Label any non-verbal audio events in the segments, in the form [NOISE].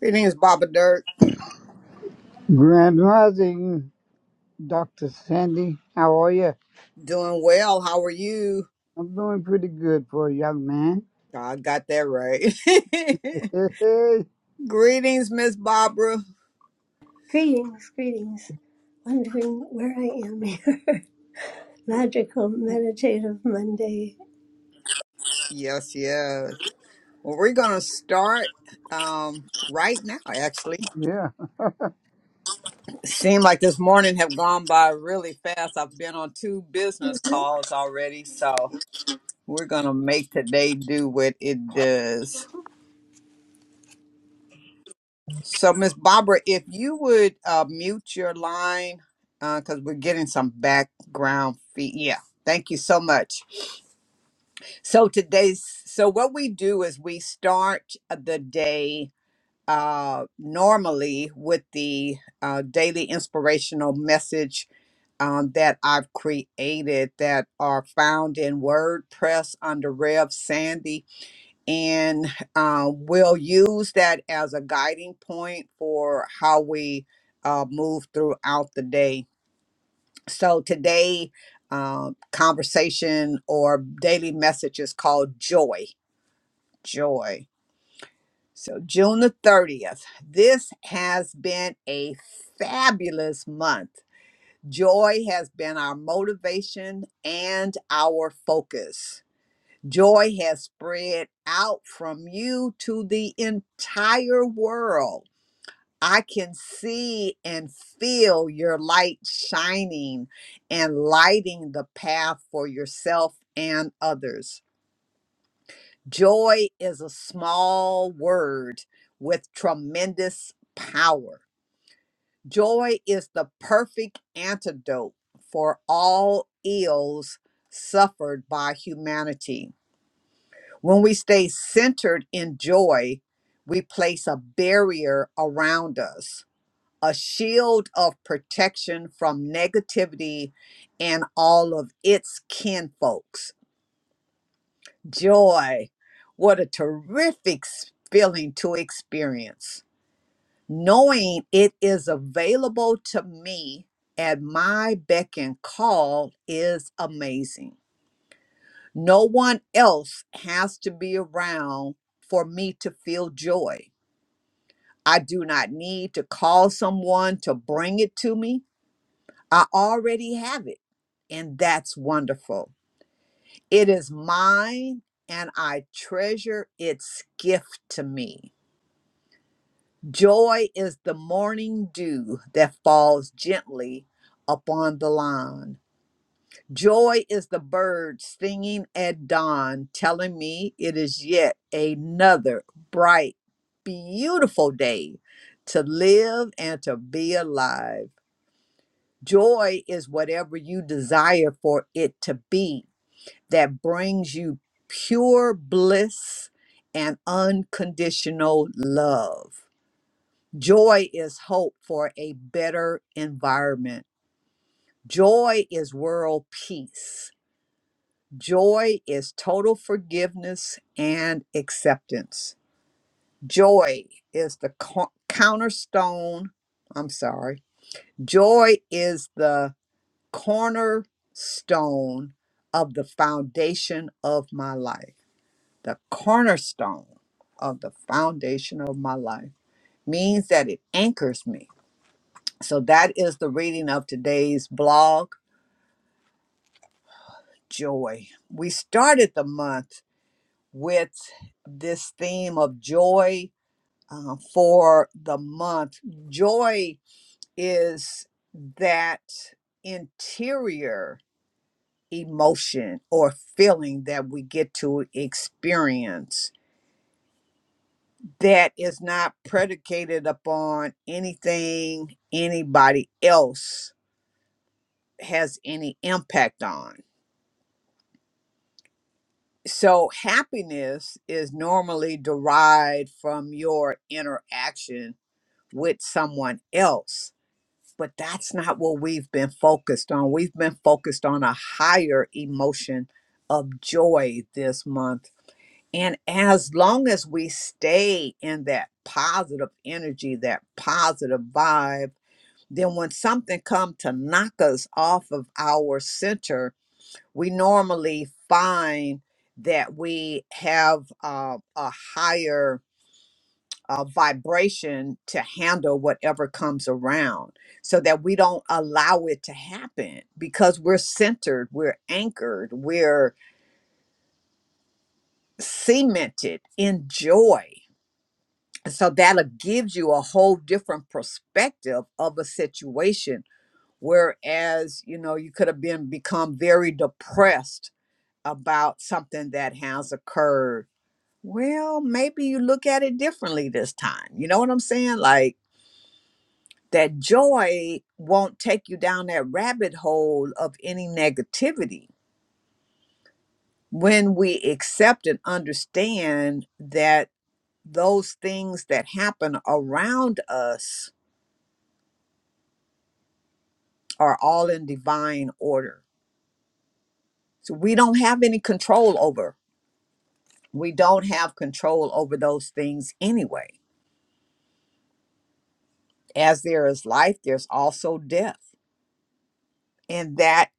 Greetings, Baba Dirk. Grand Rising, Dr. Sandy. How are you? Doing well. How are you? I'm doing pretty good for a young man. I got that right. [LAUGHS] [LAUGHS] Greetings, Miss Barbara. Greetings, greetings. Wondering where I am here. [LAUGHS] Magical meditative Monday. Yes, yes. Well, we're gonna start um, right now. Actually, yeah. seemed like this morning have gone by really fast. I've been on two business calls already, so we're gonna make today do what it does. So, Miss Barbara, if you would uh, mute your line, because we're getting some background feed. Yeah, thank you so much. So today's so what we do is we start uh, the day uh, normally with the uh, daily inspirational message. Um, that I've created that are found in WordPress under Rev Sandy and uh, we'll use that as a guiding point for how we uh, move throughout the day. So today, uh, conversation or daily message is called joy. Joy. So June the 30th. This has been a fabulous month. Joy has been our motivation and our focus. Joy has spread out from you to the entire world. I can see and feel your light shining and lighting the path for yourself and others. Joy is a small word with tremendous power. Joy is the perfect antidote for all ills suffered by humanity. When we stay centered in joy, we place a barrier around us, a shield of protection from negativity and all of its kinfolks. Joy, what a terrific s- feeling to experience. Knowing it is available to me at my beck and call is amazing. No one else has to be around for me to feel joy. I do not need to call someone to bring it to me. I already have it. And that's wonderful. It is mine and I treasure its gift to me. Joy is the morning dew that falls gently upon the lawn. Joy is the bird singing at dawn, telling me it is yet another bright, beautiful day to live and to be alive. Joy is whatever you desire for it to be that brings you pure bliss and unconditional love. Joy is hope for a better environment. Joy is world peace. Joy is total forgiveness and acceptance. Joy is the co- cornerstone. I'm sorry. Joy is the cornerstone of the foundation of my life. The cornerstone of the foundation of my life means that it anchors me. So that is the reading of today's blog, Joy. We started the month. with this theme of joy uh, for the month. Joy is that interior emotion or feeling that we get to experience that is not predicated upon anything anybody else has any impact on. So, happiness is normally derived from your interaction with someone else. But that's not what we've been focused on. We've been focused on a higher emotion of joy this month. And as long as we stay in that positive energy, that positive vibe, then when something comes to knock us off of our center, we normally find that we have uh, a higher uh, vibration to handle whatever comes around so that we don't allow it to happen because we're centered, we're anchored, we're cemented in joy. So that gives you a whole different perspective of a situation. Whereas, you know, you could have been become very depressed about something that has occurred. Well, maybe you look at it differently this time. You know what I'm saying? Like that joy won't take you down that rabbit hole of any negativity. When we accept and understand that those things that happen around us are all in divine order. So we don't have any control over. We don't have control over those things anyway. As there is life, there's also death. And that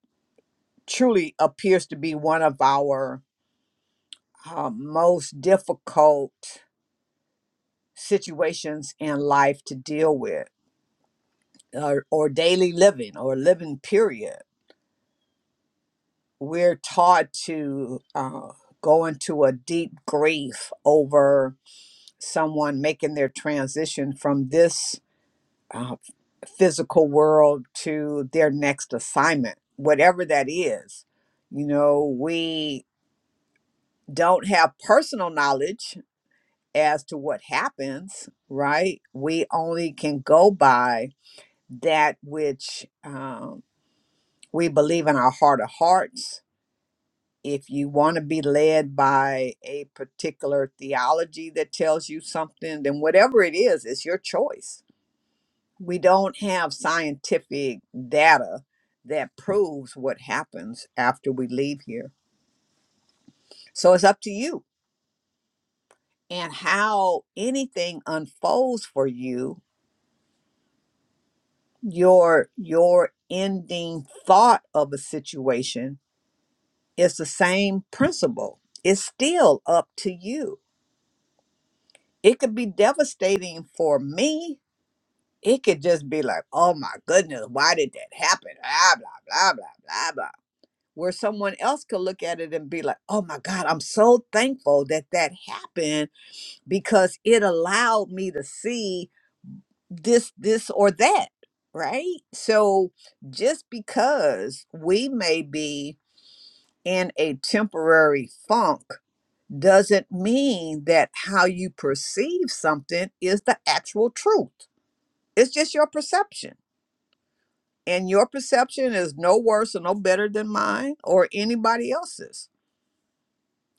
truly appears to be one of our uh, most difficult situations in life to deal with or, or daily living or living period we're taught to uh, go into a deep grief over someone making their transition from this uh, physical world to their next assignment whatever that is you know we don't have personal knowledge as to what happens right we only can go by that which um, we believe in our heart of hearts. If you want to be led by a particular theology that tells you something, then whatever it is, it's your choice. We don't have scientific data that proves what happens after we leave here. So it's up to you and how anything unfolds for you, your your ending thought of a situation It's the same principle. It's still up to you. It could be devastating for me. It could just be like, oh my goodness, why did that happen? Blah, blah, blah, blah, blah, blah. Where someone else could look at it and be like, oh my God, I'm so thankful that that happened because it allowed me to see this, this, or that. Right. So just because we may be in a temporary funk doesn't mean that how you perceive something is the actual truth. It's just your perception. And your perception is no worse or no better than mine or anybody else's.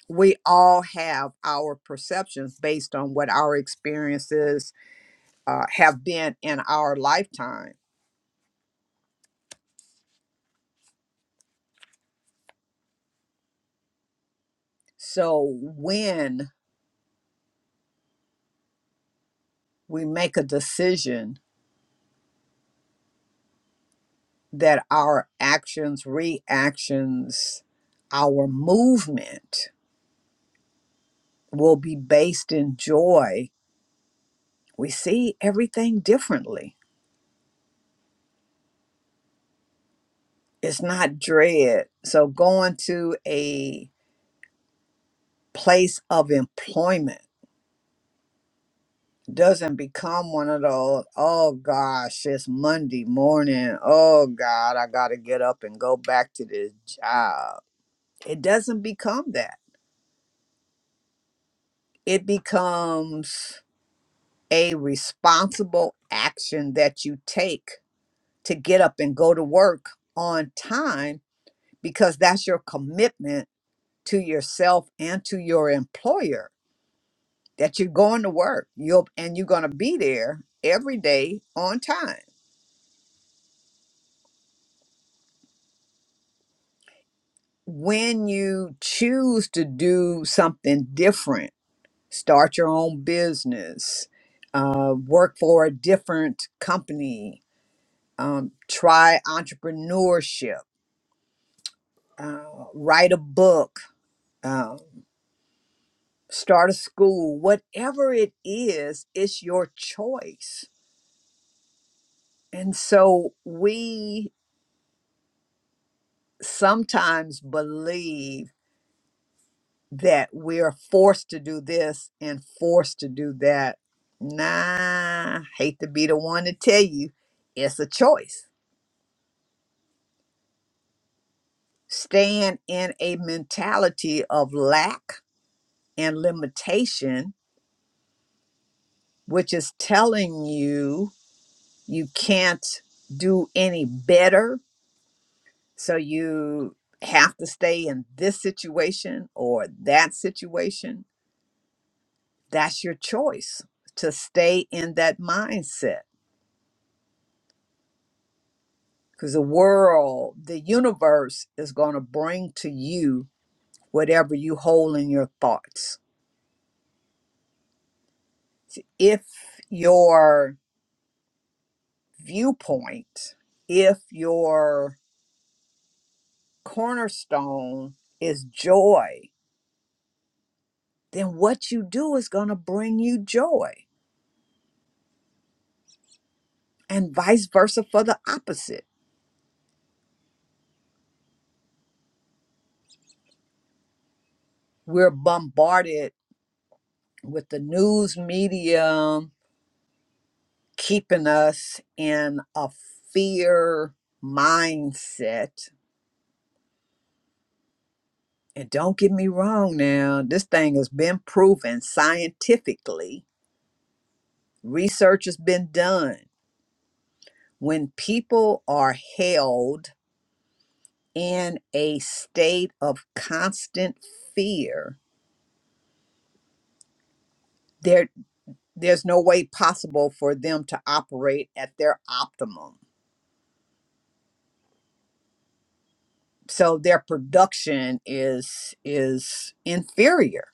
We all have our perceptions based on what our experiences uh, have been in our lifetime. So when we make a decision that our actions, reactions, our movement will be based in joy, we see everything differently. It's not dread. So going to a place of employment doesn't become one of those, oh gosh, it's Monday morning. Oh God, I got to get up and go back to this job. It doesn't become that. It becomes a responsible action that you take to get up and go to work on time because that's your commitment to yourself and to your employer that you're going to work you'll and you're going to be there every day on time when you choose to do something different start your own business uh, work for a different company um, try entrepreneurship uh, write a book uh, start a school whatever it is it's your choice And so we sometimes believe that we're forced to do this and forced to do that. Nah, hate to be the one to tell you, it's a choice. Staying in a mentality of lack and limitation, which is telling you you can't do any better. So you have to stay in this situation or that situation that's your choice to stay in that mindset because the world, the universe is going to bring to you whatever you hold in your thoughts. If your viewpoint, if your cornerstone is joy, then what you do is going to bring you joy, and vice versa for the opposite. We're bombarded with the news media keeping us in a fear mindset. And don't get me wrong now, this thing has been proven scientifically. Research has been done. When people are held in a state of constant fear, there there's no way possible for them to operate at their optimum. So their production is is inferior.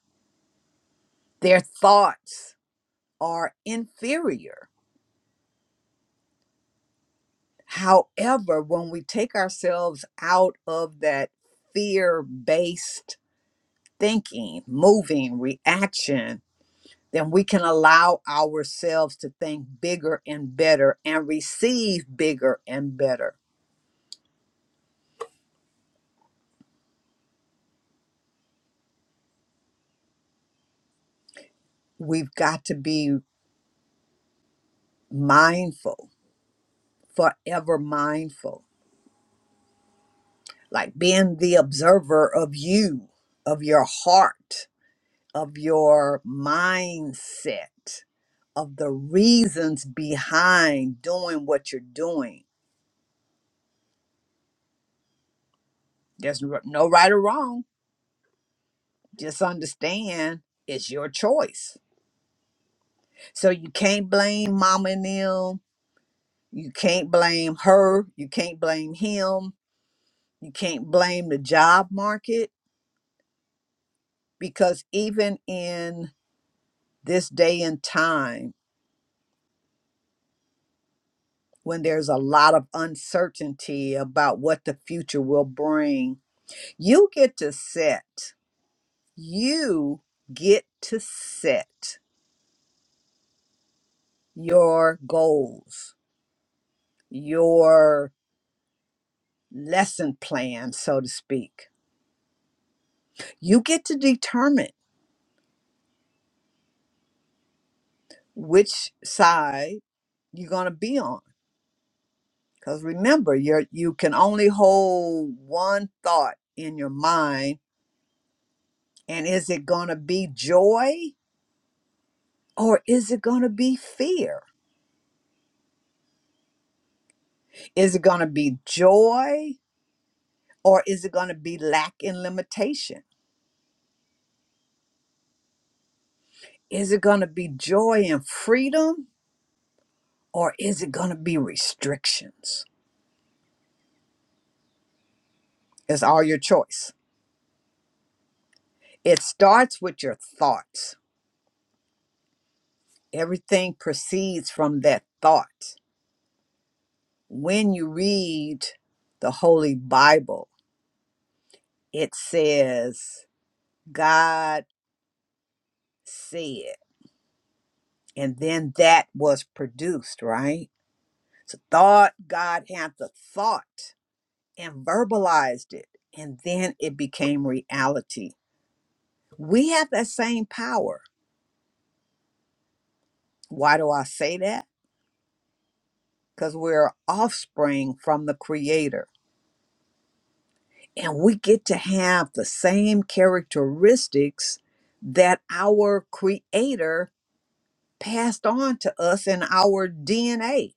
Their thoughts are inferior. However, when we take ourselves out of that fear based thinking, moving, reaction, then we can allow ourselves to think bigger and better and receive bigger and better. We've got to be mindful, forever mindful, like being the observer of you, of your heart of your mindset, of the reasons behind doing what you're doing. There's r- no right or wrong. Just understand it's your choice. So you can't blame mama and them. You can't blame her. You can't blame him. You can't blame the job market because even in this day and time, when there's a lot of uncertainty about what the future will bring, You get to set, you get to set your goals, your lesson plan, so to speak. You get to determine which side you're going to be on. Because remember, you're, you can only hold one thought in your mind. And is it going to be joy or is it going to be fear? Is it going to be joy or is it going to be lack and limitation? Is it going to be joy and freedom or is it going to be restrictions? It's all your choice. It starts with your thoughts. Everything proceeds from that thought. When you read the Holy Bible, it says, God said, and then that was produced, right? So, thought, God had the thought and verbalized it, and then it became reality We have that same power. Why do I say that? Because we're offspring from the Creator, and we get to have the same characteristics that our Creator passed on to us in our DNA,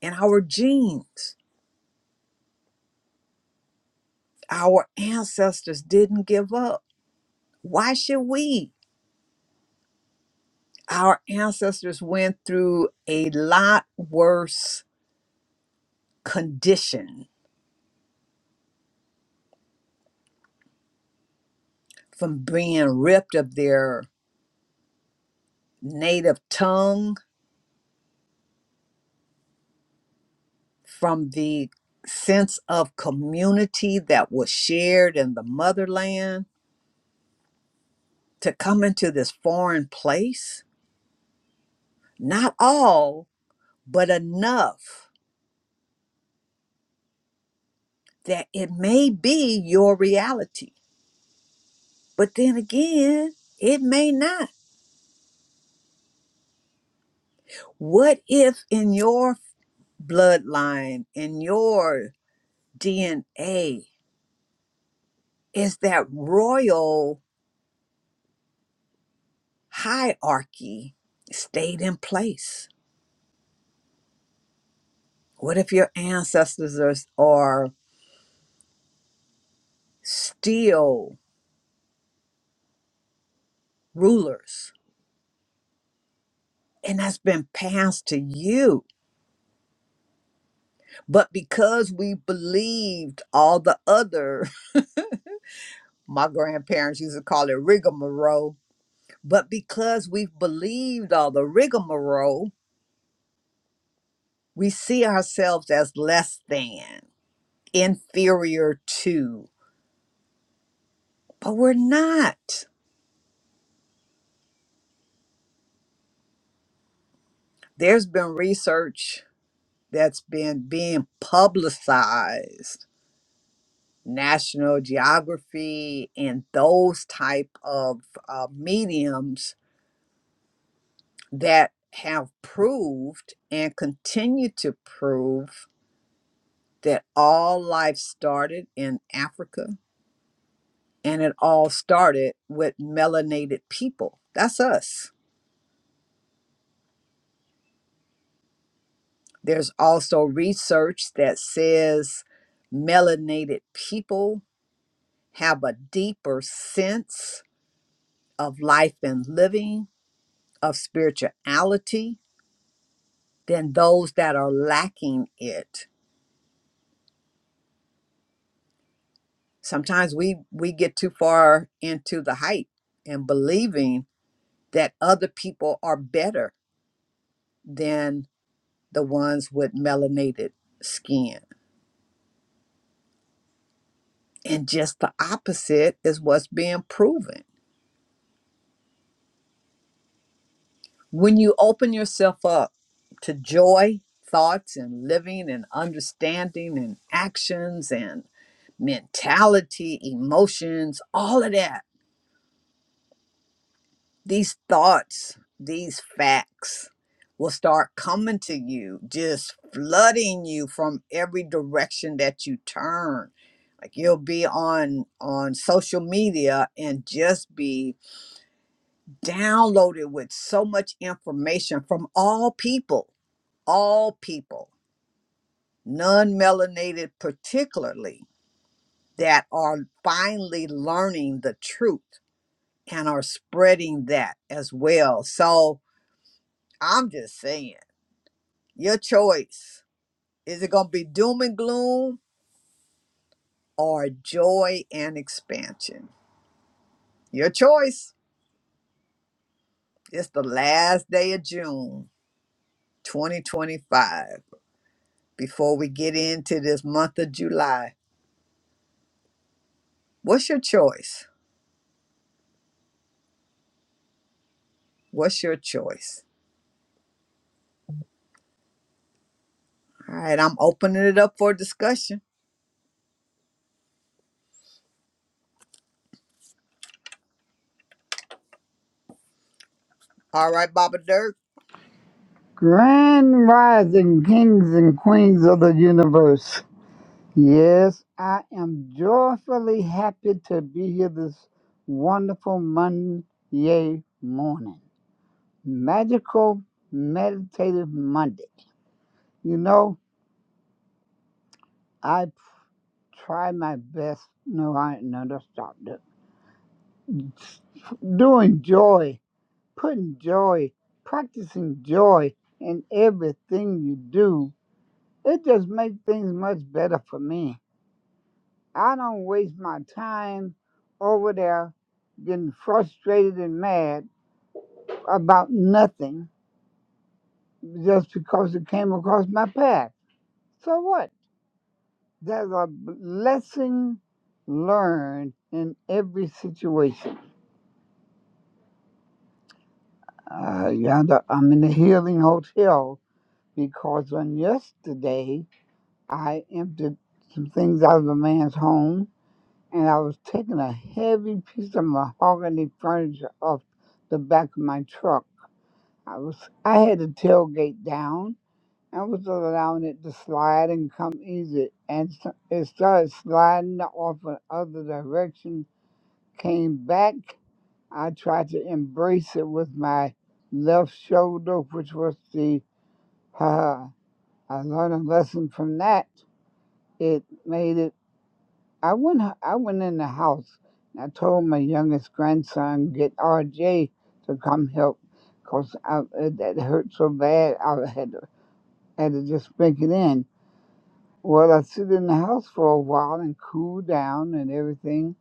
in our genes. Our ancestors didn't give up. Why should we? Our ancestors went through a lot worse condition from being ripped of their native tongue, from the sense of community that was shared in the motherland, to come into this foreign place. Not all, but enough that it may be your reality. But then again, it may not. What if in your bloodline, in your DNA, is that royal hierarchy stayed in place? What if your ancestors are, are still rulers and that's been passed to you? But because we believed all the other, [LAUGHS] my grandparents used to call it rigmarole, but because we've believed all the rigmarole, we see ourselves as less than, inferior to, but we're not. There's been research that's been being publicized national geography and those type of uh, mediums that have proved and continue to prove that all life started in africa and it all started with melanated people that's us there's also research that says melanated people have a deeper sense of life and living of spirituality than those that are lacking it. Sometimes we we get too far into the hype and believing that other people are better than the ones with melanated skin. And just the opposite is what's being proven. When you open yourself up to joy, thoughts and living and understanding and actions and mentality, emotions, all of that these thoughts, these facts will start coming to you, just flooding you from every direction that you turn. Like you'll be on on social media and just be downloaded with so much information from all people, all people, non-melanated particularly, that are finally learning the truth and are spreading that as well. So I'm just saying Your choice. Is it going to be doom and gloom or joy and expansion? Your choice. It's the last day of June 2025. Before we get into this month of July, what's your choice? What's your choice? All right, I'm opening it up for discussion. All right, Baba Dirk. Grand Rising, kings and queens of the universe. Yes, I am joyfully happy to be here this wonderful Monday morning. Magical meditative Monday. You know, I try my best. No, I no, that's not. Do enjoy. putting joy, practicing joy in everything you do. It just makes things much better for me. I don't waste my time over there getting frustrated and mad about nothing just because it came across my path. So what? There's a lesson learned in every situation. Uh, yonder, I'm in a healing hotel because on yesterday I emptied some things out of a man's home, and I was taking a heavy piece of mahogany furniture off the back of my truck. I was I had the tailgate down. I was allowing it to slide and come easy, and s- it started sliding off in other direction. Came back. I tried to embrace it with my left shoulder, which was the. [LAUGHS] ha. I learned a lesson from that. It made it I went I went in the house and I told my youngest grandson get RJ to come help 'cause I, uh, that hurt so bad I had to, had to just break it in. Well, I sit in the house for a while and cool down and everything.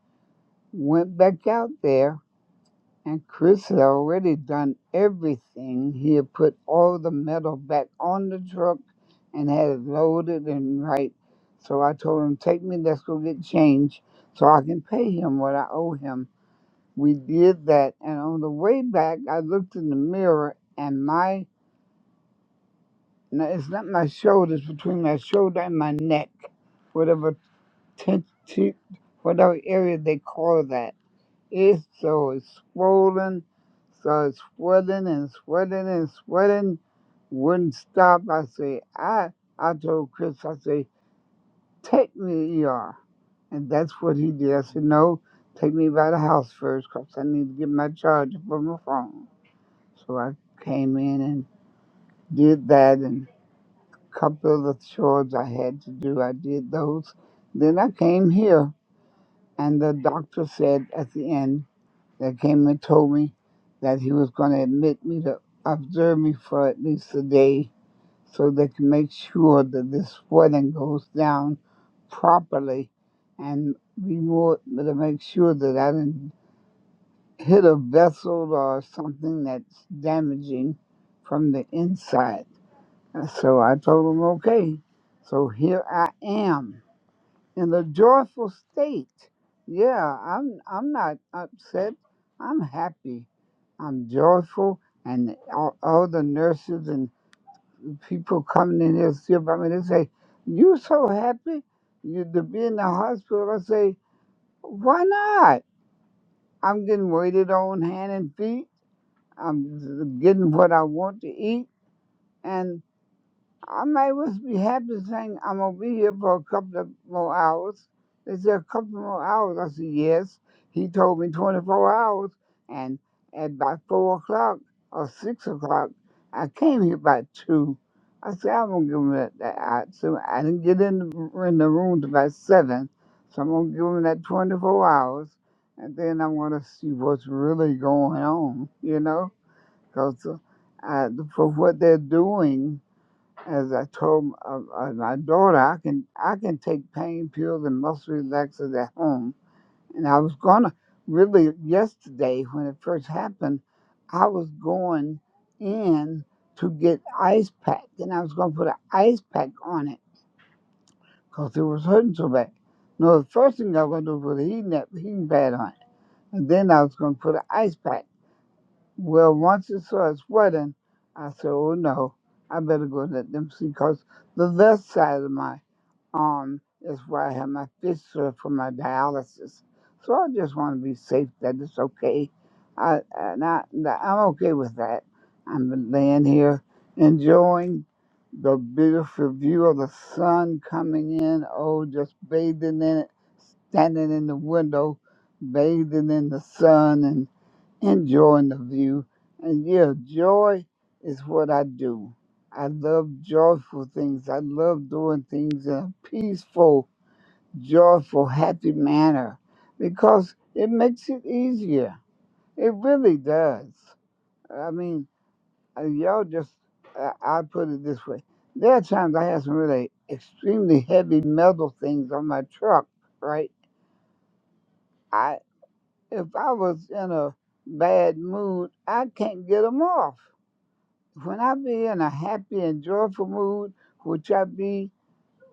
Went back out there and Chris had already done everything. He had put all the metal back on the truck and had it loaded and right. So I told him, Take me, let's go get change so I can pay him what I owe him. We did that. And on the way back, I looked in the mirror and my, no, it's not my shoulders, between my shoulder and my neck, whatever, ten, whatever area they call that it's so it's swollen, so it's sweating and sweating and sweating. Wouldn't stop. I say, I I told Chris, I say, take me to ER. And that's what he did. I said, no, take me by the house first because I need to get my charger for my phone. So I came in and did that and a couple of the chores I had to do, I did those. Then I came here and the doctor said at the end. that came and told me that he was going to admit me to observe me for at least a day so they can make sure that this wedding goes down properly and be more to make sure that I didn't hit a vessel or something that's damaging from the inside. So I told him, okay. So here I am in a joyful state. Yeah, I'm I'm not upset. I'm happy. I'm joyful, and all, all the nurses and people coming in here see about me. They say, "You so happy you to be in the hospital." I say, "Why not? I'm getting waited on hand and feet. I'm getting what I want to eat, and." I might was be happy saying I'm gonna be here for a couple of more hours. They said a couple more hours. I said yes. He told me 24 hours, and at by four o'clock or six o'clock, I came here by two. I said I'm gonna give him that. that I, so I didn't get in the, in the room till about seven, so I'm gonna give him that 24 hours, and then I'm gonna see what's really going on, you know, because uh, I, for what they're doing. As I told uh, uh, my daughter, I can I can take pain pills and muscle relaxers at home. And I was gonna really yesterday when it first happened, I was going in to get ice pack, and I was gonna put an ice pack on it because it was hurting so bad. No, the first thing I was gonna do was put a heating, that heating pad on it, and then I was gonna put an ice pack. Well, once it started sweating, I said, "Oh no, I better go let them see because the left side of my um, that's where I have my fistula for my dialysis. So I just want to be safe that it's okay. I, and I, that I'm okay with that. I'm laying here enjoying the beautiful view of the sun coming in. Oh, just bathing in it, standing in the window, bathing in the sun enjoying the view. And yeah, joy is what I do. I love joyful things. I love doing things in a peaceful, joyful, happy manner because it makes it easier. It really does. I mean, uh, y'all just, I, I put it this way. There are times I have some really extremely heavy metal things on my truck, right? I If I was in a bad mood, I can't get them off When I be in a happy and joyful mood, which I be,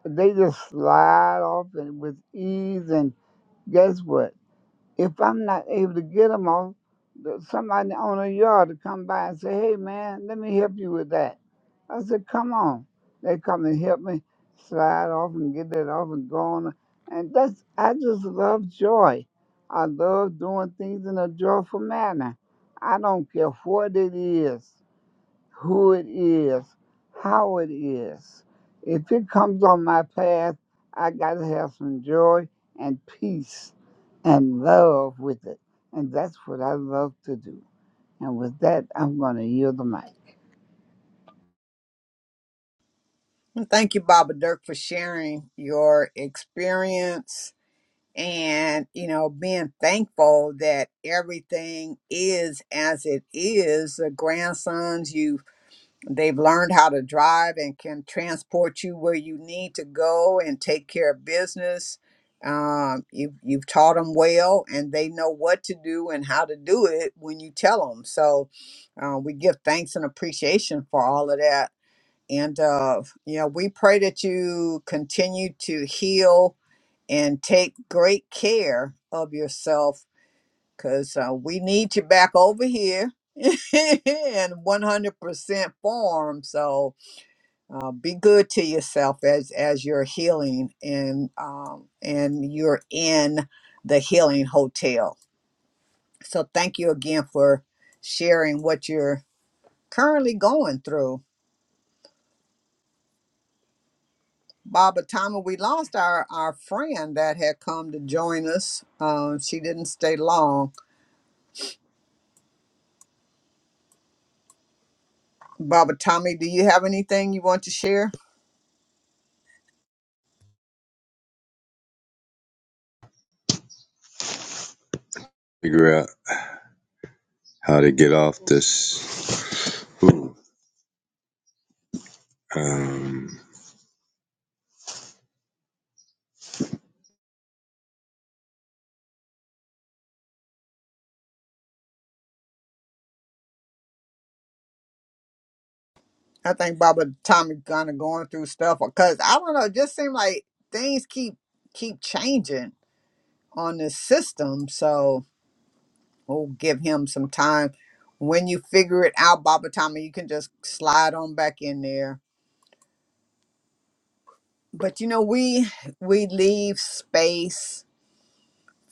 they just slide off and with ease. And guess what? If I'm not able to get them off, somebody on the yard to come by and say, "Hey, man, let me help you with that." I said, "Come on." They come and help me slide off and get that off and go on. And that's I just love joy. I love doing things in a joyful manner. I don't care what it is who it is, how it is. If it comes on my path, I got to have some joy and peace and love with it. And that's what I love to do. And with that, I'm going to yield the mic. Thank you, Baba Dirk, for sharing your experience and you know being thankful that everything is as it is the grandsons you they've learned how to drive and can transport you where you need to go and take care of business um, you, you've taught them well and they know what to do and how to do it when you tell them so uh, we give thanks and appreciation for all of that and, uh, you know, we pray that you continue to heal and take great care of yourself because uh, we need you back over here [LAUGHS] in 100% form. So uh, be good to yourself as as you're healing and um, and you're in the healing hotel. So thank you again for sharing what you're currently going through. by the time we lost our, our friend that had come to join us, um, she didn't stay long. Baba Tommy, do you have anything you want to share? figure out how to get off this food. Um, I think Baba Tommy kind of going through stuff because I don't know. It just seems like things keep keep changing on this system. So we'll give him some time. When you figure it out, Baba Tommy, you can just slide on back in there. But you know, we we leave space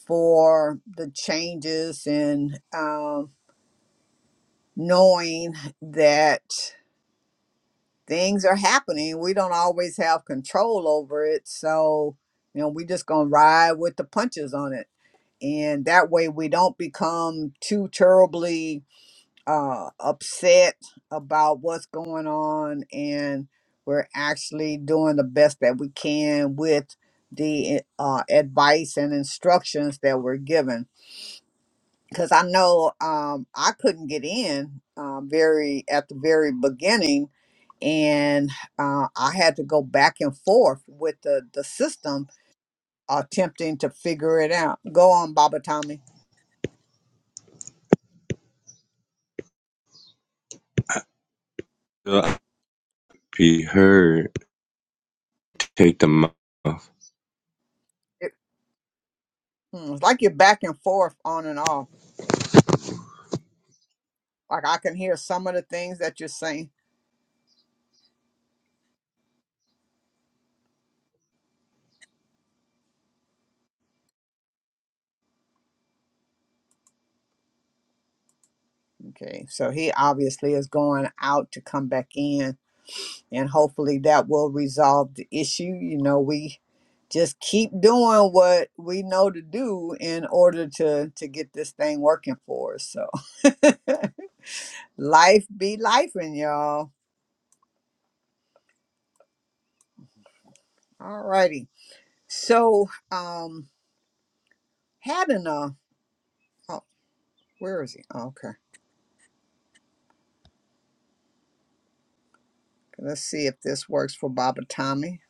for the changes and um, knowing that things are happening. We don't always have control over it. So, you know, we just going to ride with the punches on it. And that way we don't become too terribly uh, upset about what's going on. And we're actually doing the best that we can with the uh, advice and instructions that we're given because I know um, I couldn't get in um, very at the very beginning, and uh, I had to go back and forth with the the system, attempting to figure it out. Go on, Baba Tommy. so I be heard, take them off. It, hmm, it's like you're back and forth on and off. Like I can hear some of the things that you're saying. Okay, so he obviously is going out to come back in and hopefully that will resolve the issue. You know, we just keep doing what we know to do in order to to get this thing working for us. So [LAUGHS] life be life and y'all. All righty. So um had an uh oh where is he? Okay. Let's see if this works for Baba Tommy.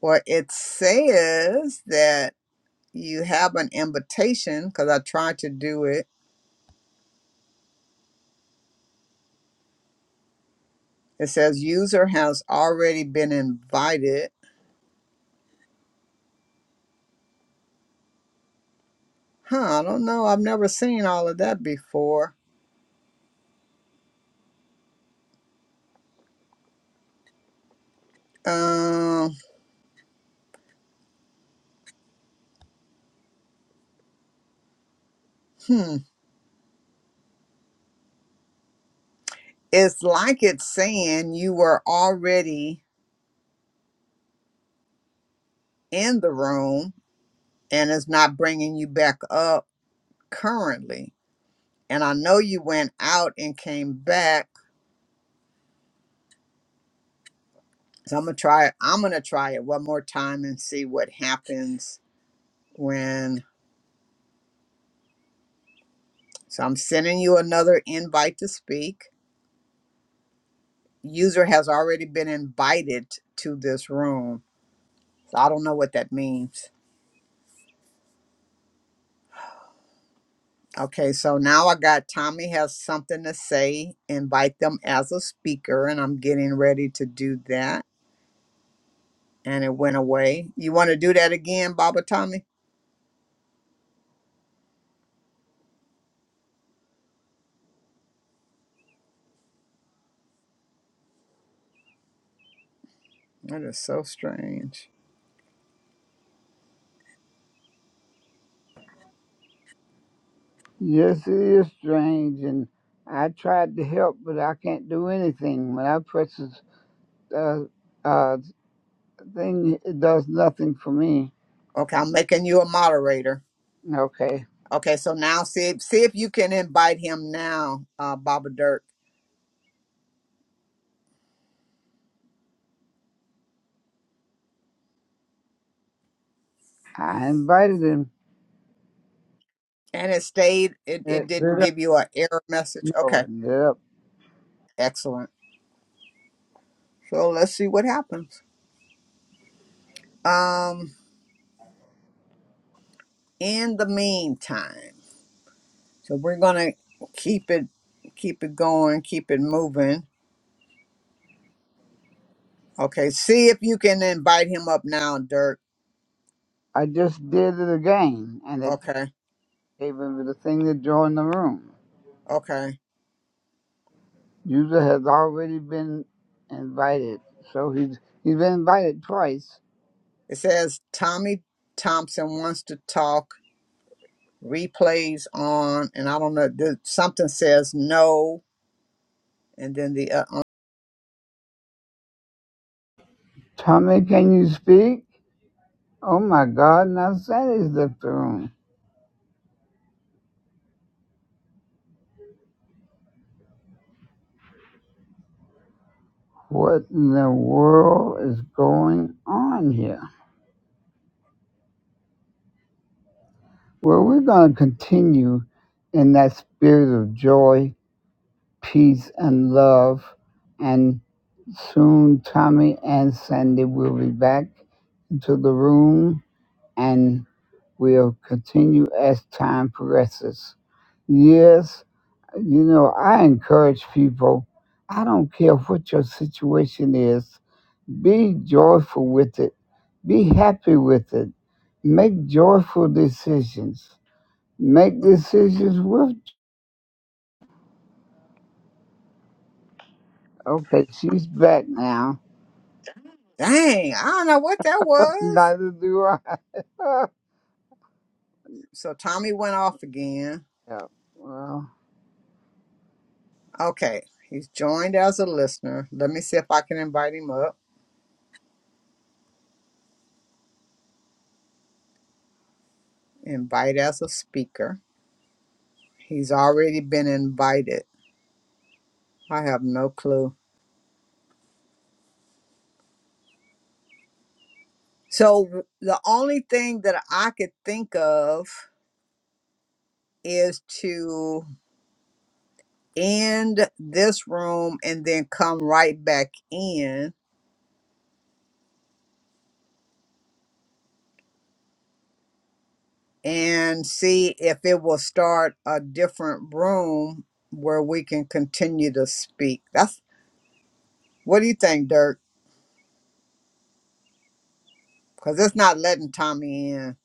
Well it says that you have an invitation because I tried to do it. It says user has already been invited Huh, I don't know. I've never seen all of that before. Um, hmm. It's like it's saying you were already in the room and it's not bringing you back up currently. And I know you went out and came back. So I'm gonna try it. I'm gonna try it one more time and see what happens when so I'm sending you another invite to speak. User has already been invited to this room. So I don't know what that means. Okay, so now I got Tommy has something to say. Invite them as a speaker, and I'm getting ready to do that. And it went away. You want to do that again, Baba Tommy? That is so strange. Yes, it is strange. And I tried to help, but I can't do anything. When I press this uh, uh, thing, it does nothing for me. Okay, I'm making you a moderator. Okay. Okay, so now see if, see if you can invite him now, uh, Baba Dirk. I invited him. And it stayed. It it Let didn't it up. give you an error message. No, Okay, let it up. excellent. So let's see what happens. Um, in the meantime. So we're gonna keep it keep it going, keep it moving. Okay, see if you can invite him up now, Dirk. I just did it again, and it Okay, gave him the thing to join the room. okay. User has already been invited, so he's he's been invited twice. It says Tommy Thompson wants to talk. Replays on, and I don't know. th- Something says no, and then the uh, uh, Tommy, can you speak? Oh my God! Now Sally's left the room. What in the world is going on here? Well, we're going to continue in that spirit of joy, peace, and love, and soon Tommy and Sandy will be back to the room and we'll continue as time progresses. Yes, you know, I encourage people, I don't care what your situation is, be joyful with it, be happy with it, make joyful decisions, make decisions with. Okay, she's back now. dang, I don't know what that [LAUGHS] was. Neither do I. [LAUGHS] So Tommy went off again. Yeah, well, Okay, he's joined as a listener. Let me see if I can invite him up. Invite as a speaker. He's already been invited. I have no clue. So the only thing that I could think of is to end this room and then come right back in and see if it will start a different room where we can continue to speak. That's what do you think, Dirk? Because it's not letting Tommy in.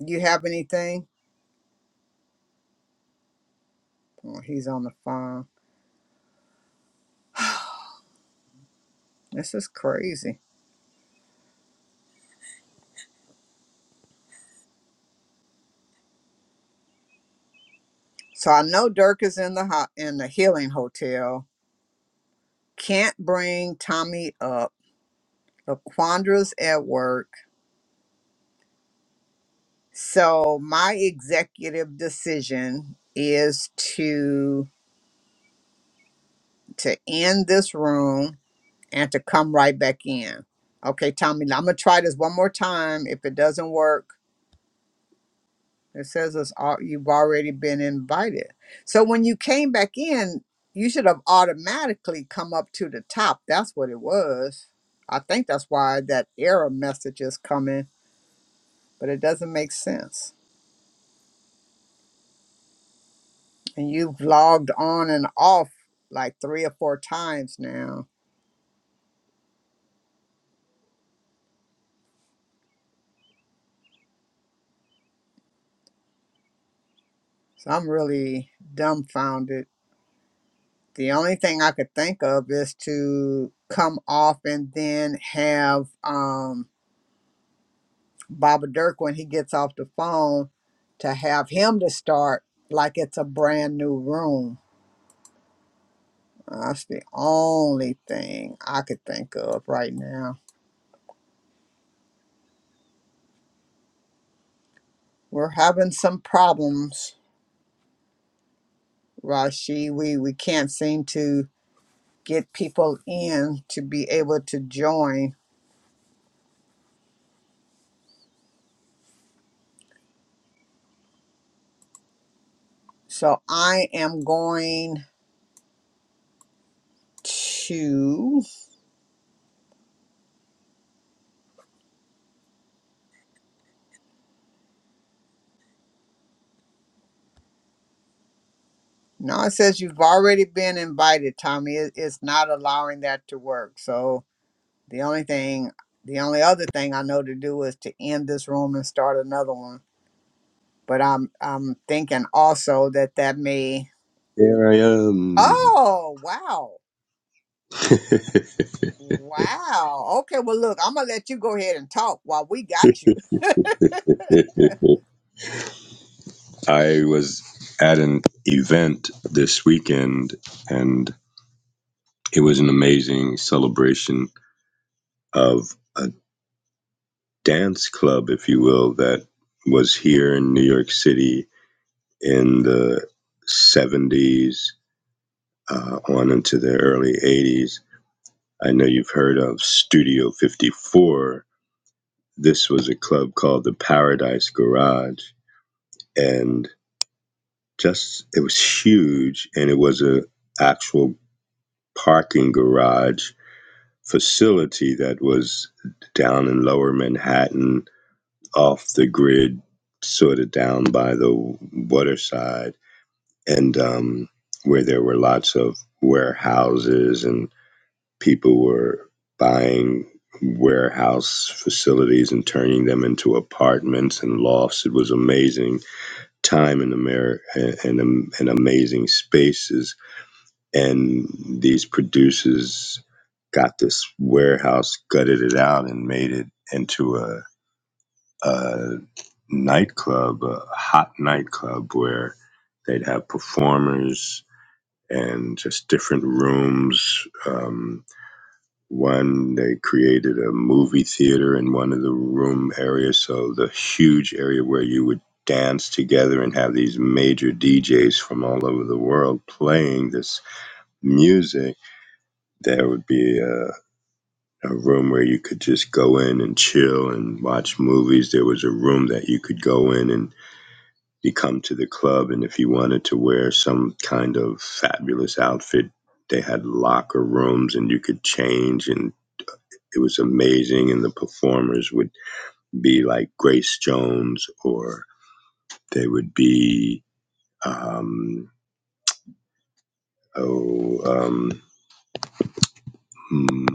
You have anything? Oh, he's on the phone. This is crazy. So I know Dirk is in the ho- in the healing hotel Can't bring Tommy up. The quandaries at work. So my executive decision is to to end this room and to come right back in. Okay, Tommy, I'm gonna try this one more time. If it doesn't work, it says it's all, you've already been invited. So when you came back in, you should have automatically come up to the top. That's what it was. I think that's why that error message is coming but it doesn't make sense. And you've logged on and off like three or four times now. So I'm really dumbfounded. The only thing I could think of is to come off and then have um, Baba Dirk, when he gets off the phone, to have him to start like it's a brand new room. That's the only thing I could think of right now. We're having some problems, Rashi. We we can't seem to get people in to be able to join. So I am going to. No, it says you've already been invited, Tommy. It, it's not allowing that to work. So the only thing, the only other thing I know to do is to end this room and start another one. But I'm I'm thinking also that that may. Here I am. [LAUGHS] Oh wow. Wow. Okay. Well, look, I'm gonna let you go ahead and talk while we got you. [LAUGHS] I was at an event this weekend, and it was an amazing celebration of a dance club, if you will, that was here in New York City in the 70s uh, on into the early 80s I know you've heard of Studio 54. This was a club called the Paradise Garage and just it was huge and it was a actual parking garage facility that was down in lower Manhattan off the grid sort of down by the waterside and um, where there were lots of warehouses and. people were buying warehouse facilities and turning them into apartments and lofts. It was amazing time in America and, and, and amazing spaces. And these producers got this warehouse, gutted it out, and made it into a, a nightclub, a hot nightclub where they'd have performers and just different rooms. um, One, they created a movie theater in one of the room areas, so the huge area where you would dance together and have these major DJs from all over the world playing this music. There would be a, a room where you could just go in and chill and watch movies. There was a room that you could go in and you come to the club, and if you wanted to wear some kind of fabulous outfit, they had locker rooms and you could change and it was amazing and the performers would be like grace jones or they would be um oh um mm,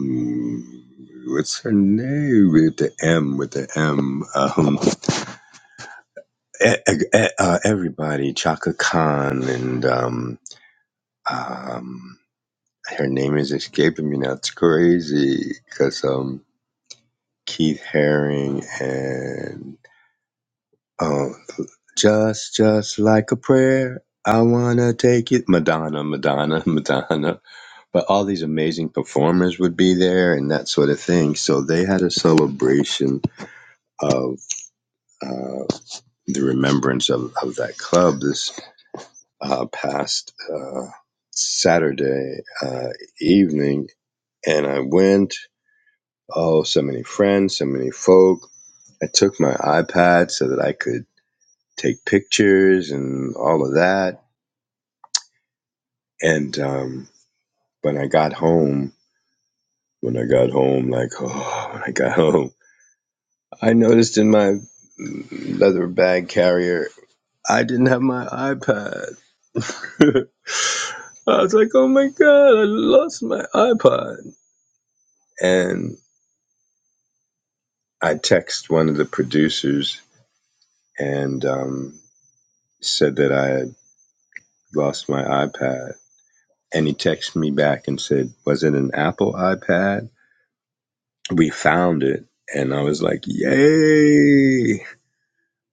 mm, what's her name with the m with the m um e- e- e- uh, everybody chaka khan and um um her name is escaping me now it's crazy because um keith haring and oh Just, just like a prayer, I wanna take it. Madonna, Madonna, [LAUGHS] Madonna. But all these amazing performers would be there and that sort of thing. So they had a celebration of uh, the remembrance of, of that club this uh, past uh, Saturday uh, evening. And I went, oh, so many friends, so many folk. I took my iPad so that I could take pictures and all of that. And, um, when I got home, when I got home, like, oh, when I got [LAUGHS] home, I noticed in my leather bag carrier, I didn't have my iPad. [LAUGHS] I was like, oh my God, I lost my iPod. And I texted one of the producers and um, said that I had lost my iPad. And he texted me back and said, was it an Apple iPad? We found it. And I was like, yay.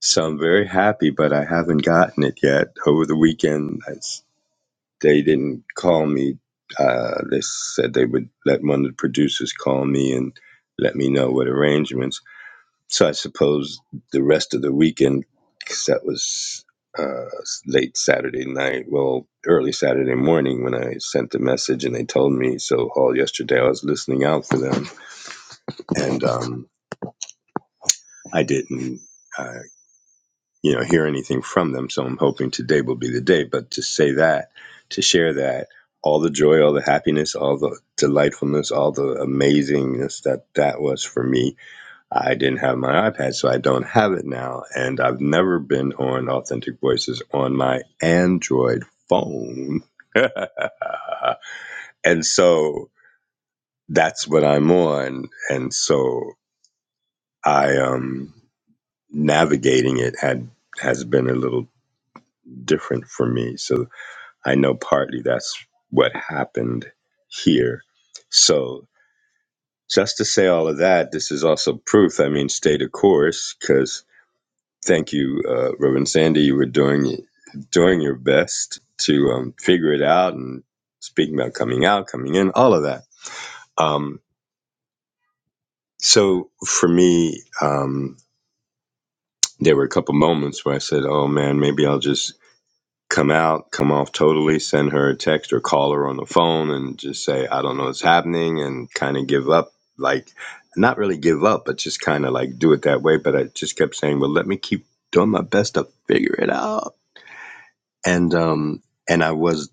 So I'm very happy, but I haven't gotten it yet. Over the weekend, I s they didn't call me. Uh, they said they would let one of the producers call me and let me know what arrangements. So I suppose the rest of the weekend, because that was uh, s- late Saturday night, well, early Saturday morning when I sent the message and they told me. So all yesterday I was listening out for them, and um, I didn't. I you know hear anything from them so i'm hoping today will be the day but to say that to share that all the joy all the happiness all the delightfulness all the amazingness that that was for me i didn't have my ipad so i don't have it now and i've never been on authentic voices on my android phone uh, and so that's what i'm on and so i um navigating it had has been a little different for me so I know partly that's what happened here. So, just to say all of that, this is also proof. I mean, stay the course, because thank you, uh, Reverend Sandy. You were doing doing your best to um, figure it out and speaking about coming out, coming in, all of that. Um, so for me, um, there were a couple moments where I said, "Oh man, maybe I'll just." come out, come off totally, send her a text or call her on the phone and just say, I don't know what's happening and kind of give up. Like, not really give up, but just kind of like do it that way. But I just kept saying, well, let me keep doing my best to figure it out. And, um, and I was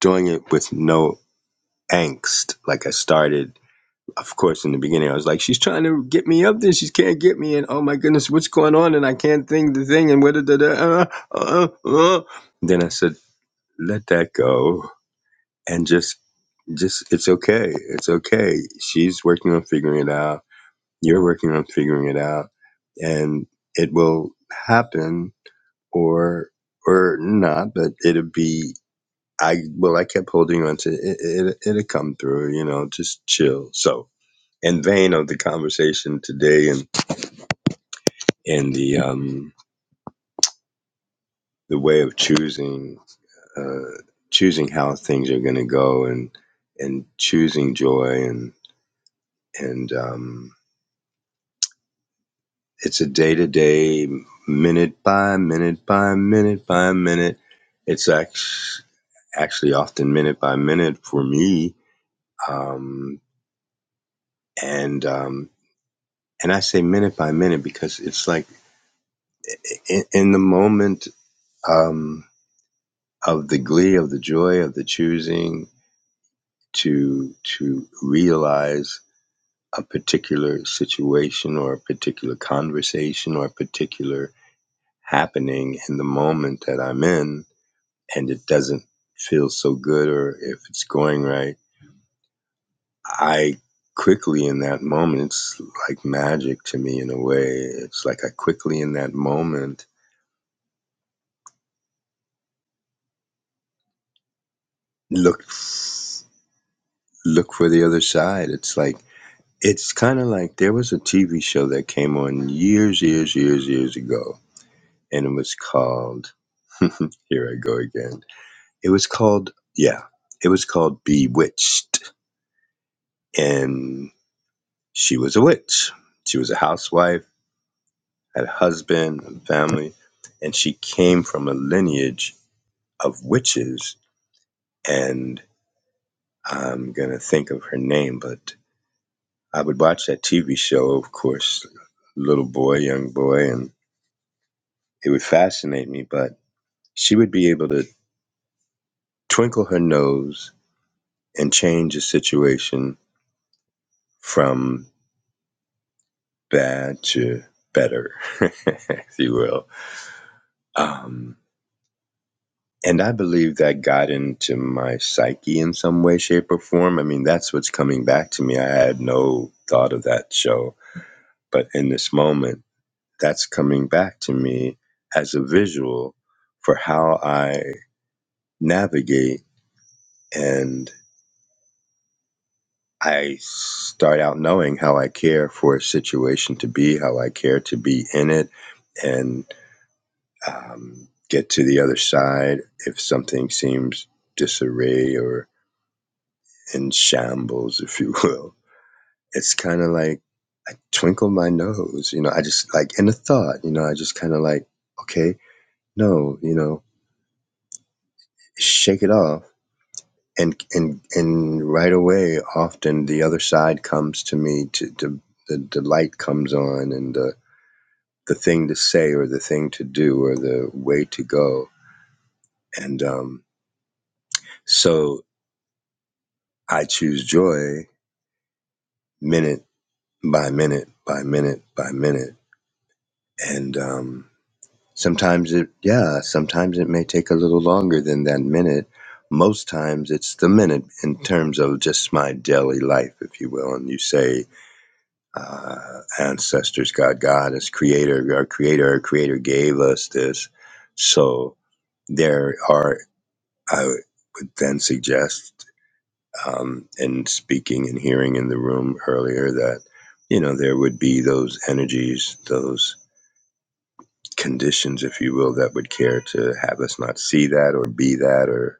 doing it with no angst. Like I started, of course, in the beginning, I was like, she's trying to get me up there. She can't get me. And oh my goodness, what's going on? And I can't think the thing. And what, da, da, da, uh, uh, uh. uh." then I said, let that go and just just it's okay it's okay she's working on figuring it out you're working on figuring it out and it will happen or or not but it'll be i well i kept holding on to it, it it'll come through you know just chill so in vain of the conversation today and and the um the way of choosing uh choosing how things are going to go and and choosing joy and and um It's a day to day, minute by minute by minute by minute. It's act- actually often minute by minute for me, um, and um, and I say minute by minute because it's like in, in the moment um, of the glee, of the joy, of the choosing to to realize a particular situation or a particular conversation or a particular happening in the moment that I'm in and it doesn't feel so good or if it's going right, I quickly in that moment, it's like magic to me in a way. It's like I quickly in that moment look look for the other side. It's like it's kind of like there was a TV show that came on years, years, years, years ago, and it was called. [LAUGHS] here I go again. It was called yeah. It was called Bewitched, and she was a witch. She was a housewife had husband and family, and she came from a lineage of witches. And I'm gonna think of her name, but I would watch that TV show, of course, little boy, young boy, and it would fascinate me. But she would be able to twinkle her nose and change a situation from bad to better, [LAUGHS] if you will. Um, And I believe that got into my psyche in some way, shape, or form. I mean, that's what's coming back to me. I had no thought of that show, but in this moment, that's coming back to me as a visual for how I navigate. And I start out knowing how I care for a situation to be, how I care to be in it, and um, get to the other side if something seems disarray or. in shambles, if you will. It's kind of like I twinkle my nose, you know, I just like in a thought, you know, I just kind of like, okay, no, you know, shake it off. And, and, and right away, often the other side comes to me to, to the, the light comes on and the, the thing to say or the thing to do or the way to go. And, um, so I choose joy minute by minute by minute by minute. And, um, Sometimes it, yeah, sometimes it may take a little longer than that minute. Most times it's the minute in terms of just my daily life, if you will. And you say, uh, ancestors, God, God is creator, our creator, our creator gave us this. So there are, I would then suggest, um, in speaking and hearing in the room earlier that, you know, there would be those energies, those conditions, if you will, that would care to have us not see that or be that or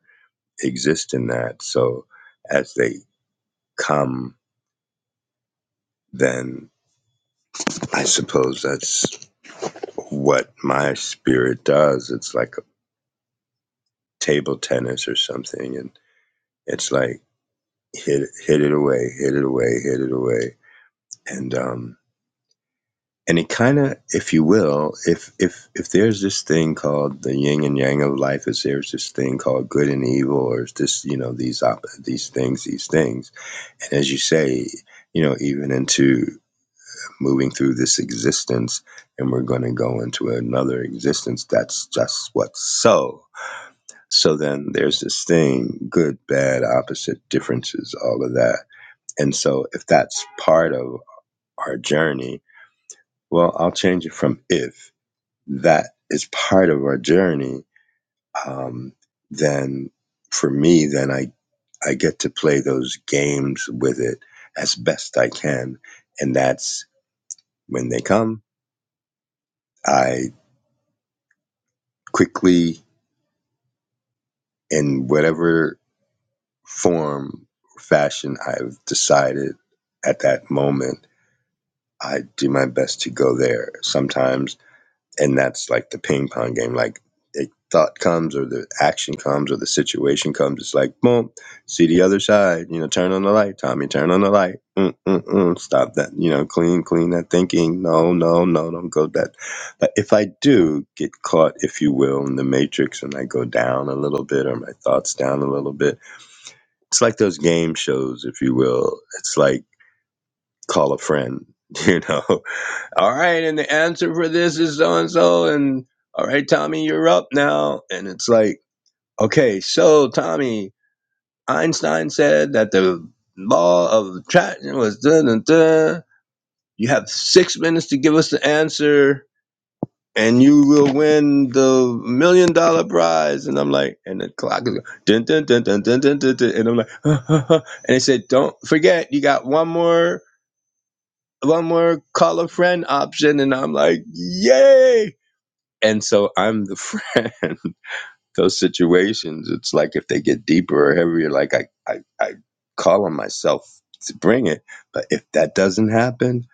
exist in that. So as they come, then I suppose that's what my spirit does. It's like table tennis or something, and it's like hit hit it away, hit it away, hit it away, and um, and it kind of if you will if if if there's this thing called the yin and yang of life is there's this thing called good and evil or is this you know these op- these things these things and as you say you know even into moving through this existence and we're going to go into another existence that's just what's so so then there's this thing good bad opposite differences all of that and so if that's part of our journey well i'll change it from if that is part of our journey, um, then for me, then I, I get to play those games with it as best I can. And that's when they come, I quickly, in whatever form, or fashion I've decided at that moment, I do my best to go there. Sometimes and that's like the ping pong game. Like a thought comes, or the action comes, or the situation comes. It's like boom, see the other side. You know, turn on the light, Tommy. Turn on the light. Mm, mm, mm. Stop that. You know, clean, clean that thinking. No, no, no, don't go that. But if I do get caught, if you will, in the matrix, and I go down a little bit, or my thoughts down a little bit, it's like those game shows, if you will. It's like call a friend. [LAUGHS] You know, all right, and the answer for this is so and so, and all right, Tommy, you're up now. And it's like, okay, so Tommy, Einstein said that the law of attraction was dun dun dun. You have six minutes to give us the answer, and you will win the million dollar prize. And I'm like, and the clock is dun dun dun dun dun dun dun, dun. and I'm like, [LAUGHS] huh, huh, huh. and they said, don't forget, you got one more. One more call a friend option, and I'm like, yay! And so I'm the friend. [LAUGHS] Those situations, it's like if they get deeper or heavier, like I, I, I call on myself to bring it. But if that doesn't happen,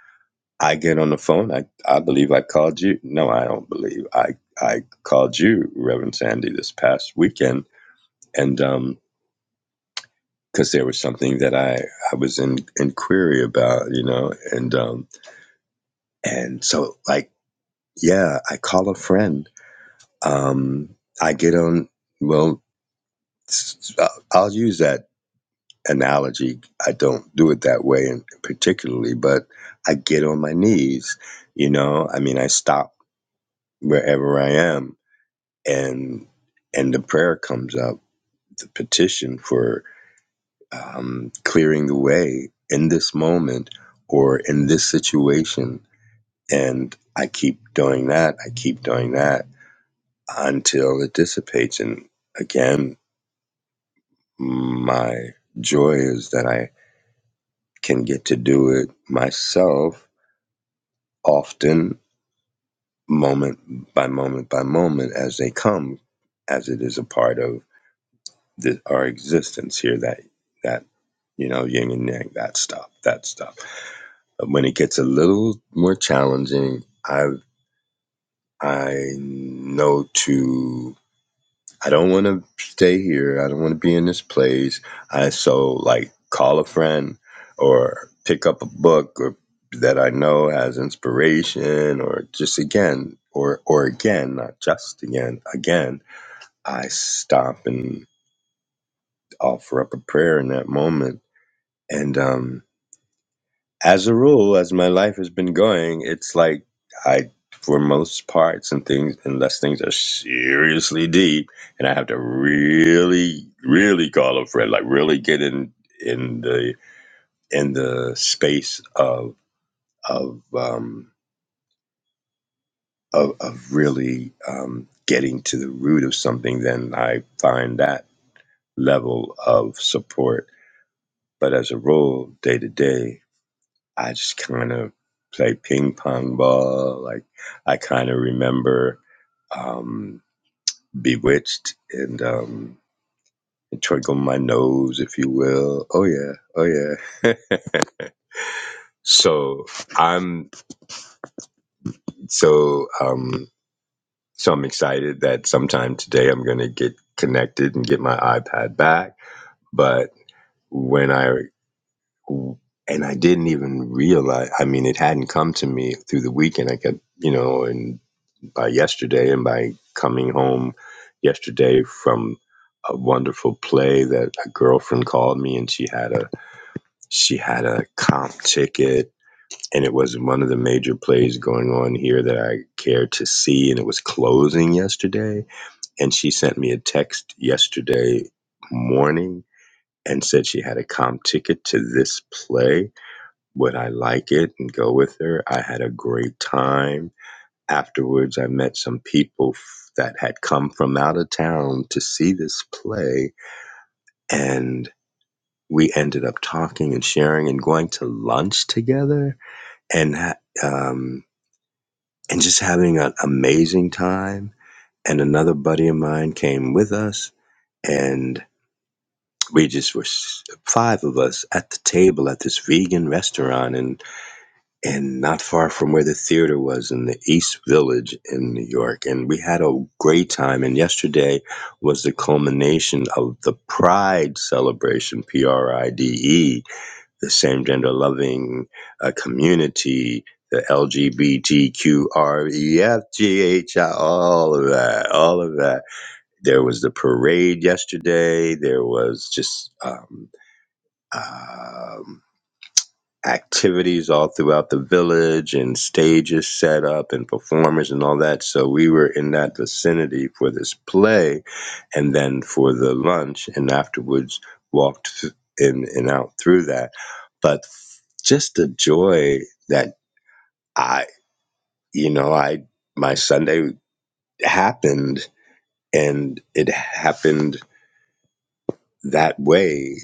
I get on the phone. I, I believe I called you. No, I don't believe I, I called you, Reverend Sandy, this past weekend. And, um, cause there was something that I, I was in, in query about, you know, and, um, and so like, yeah, I call a friend. Um, I get on, well, I'll use that analogy. I don't do it that way, in particularly, but I get on my knees. You know, I mean, I stop wherever I am, and and the prayer comes up, the petition for um, clearing the way in this moment or in this situation, and I keep doing that. I keep doing that until it dissipates, and again, my joy is that I can get to do it myself often, moment by moment by moment as they come, as it is a part of the, our existence here. That that you know, yin and yang, that stuff, that stuff. But when it gets a little more challenging, I I know to I don't want to stay here. I don't want to be in this place. I so like call a friend or pick up a book or that I know has inspiration or just again or or again, not just again, again, I stop and offer up a prayer in that moment. And um as a rule, as my life has been going, it's like I, for most parts and things, unless things are seriously deep, and I have to really, really call a friend, like really get in in the in the space of of um, of, of really um, getting to the root of something, then I find that level of support. But as a rule, day to day. I just kind of play ping pong ball. Like I kind of remember um, Bewitched and um, Twinkle My Nose, if you will. Oh yeah, oh yeah. [LAUGHS] so I'm so um, so I'm excited that sometime today I'm gonna get connected and get my iPad back. But when I and I didn't even realize. I mean, it hadn't come to me through the weekend. I kept, you know, and uh, yesterday and by coming home yesterday from a wonderful play that a girlfriend called me and she had a she had a comp ticket and it was one of the major plays going on here that I cared to see and it was closing yesterday and she sent me a text yesterday morning and said she had a comp ticket to this play would I like it and go with her I had a great time Afterwards, I met some people f- that had come from out of town to see this play, and we ended up talking and sharing and going to lunch together and ha- um, and just having an amazing time. And another buddy of mine came with us, and we just were s- five of us at the table at this vegan restaurant, in and not far from where the theater was in the East Village in New York. And we had a great time. And yesterday was the culmination of the Pride celebration, P R I D E, the same gender loving uh, community, the L G B T Q R E F G H I. all of that, all of that. There was the parade yesterday. There was just. Um, um, activities all throughout the village and stages set up and performers and all that. So we were in that vicinity for this play and then for the lunch and afterwards walked in and out through that. But just the joy that I, you know, I, my Sunday happened and it happened that way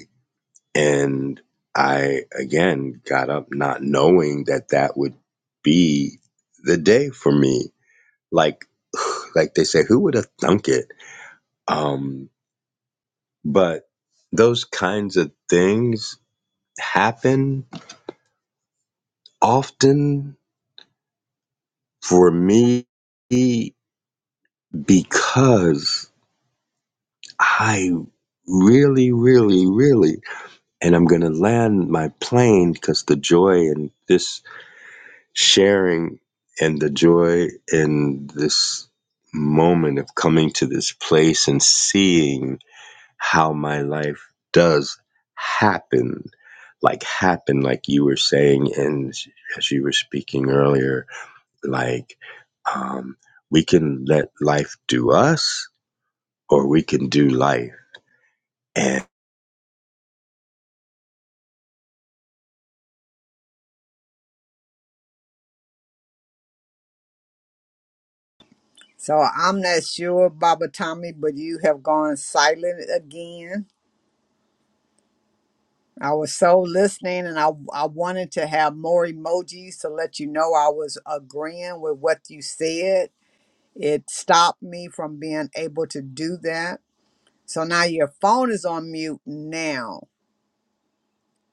And I again got up not knowing that that would be the day for me. Like, [SIGHS] like they say, who would have thunk it? Um, but those kinds of things happen often for me because I really, really, really, and I'm going to land my plane because the joy in this sharing and the joy in this moment of coming to this place and seeing how my life does happen like happen like you were saying and as you were speaking earlier like um we can let life do us or we can do life and So I'm not sure, Baba Tommy, but you have gone silent again. I was so listening and I, I wanted to have more emojis to let you know I was agreeing with what you said. It stopped me from being able to do that. So now your phone is on mute now.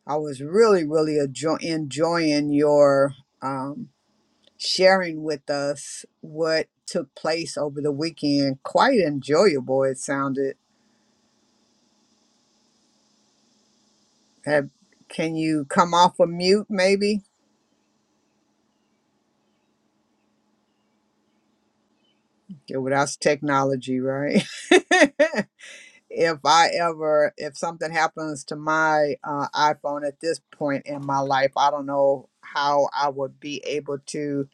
I was really, really enjo- enjoying your um, sharing with us what took place over the weekend. Quite enjoyable, it sounded. Have, can you come off of mute maybe? Yeah, without technology, right? [LAUGHS] if I ever, if something happens to my uh, iPhone at this point in my life, I don't know how I would be able to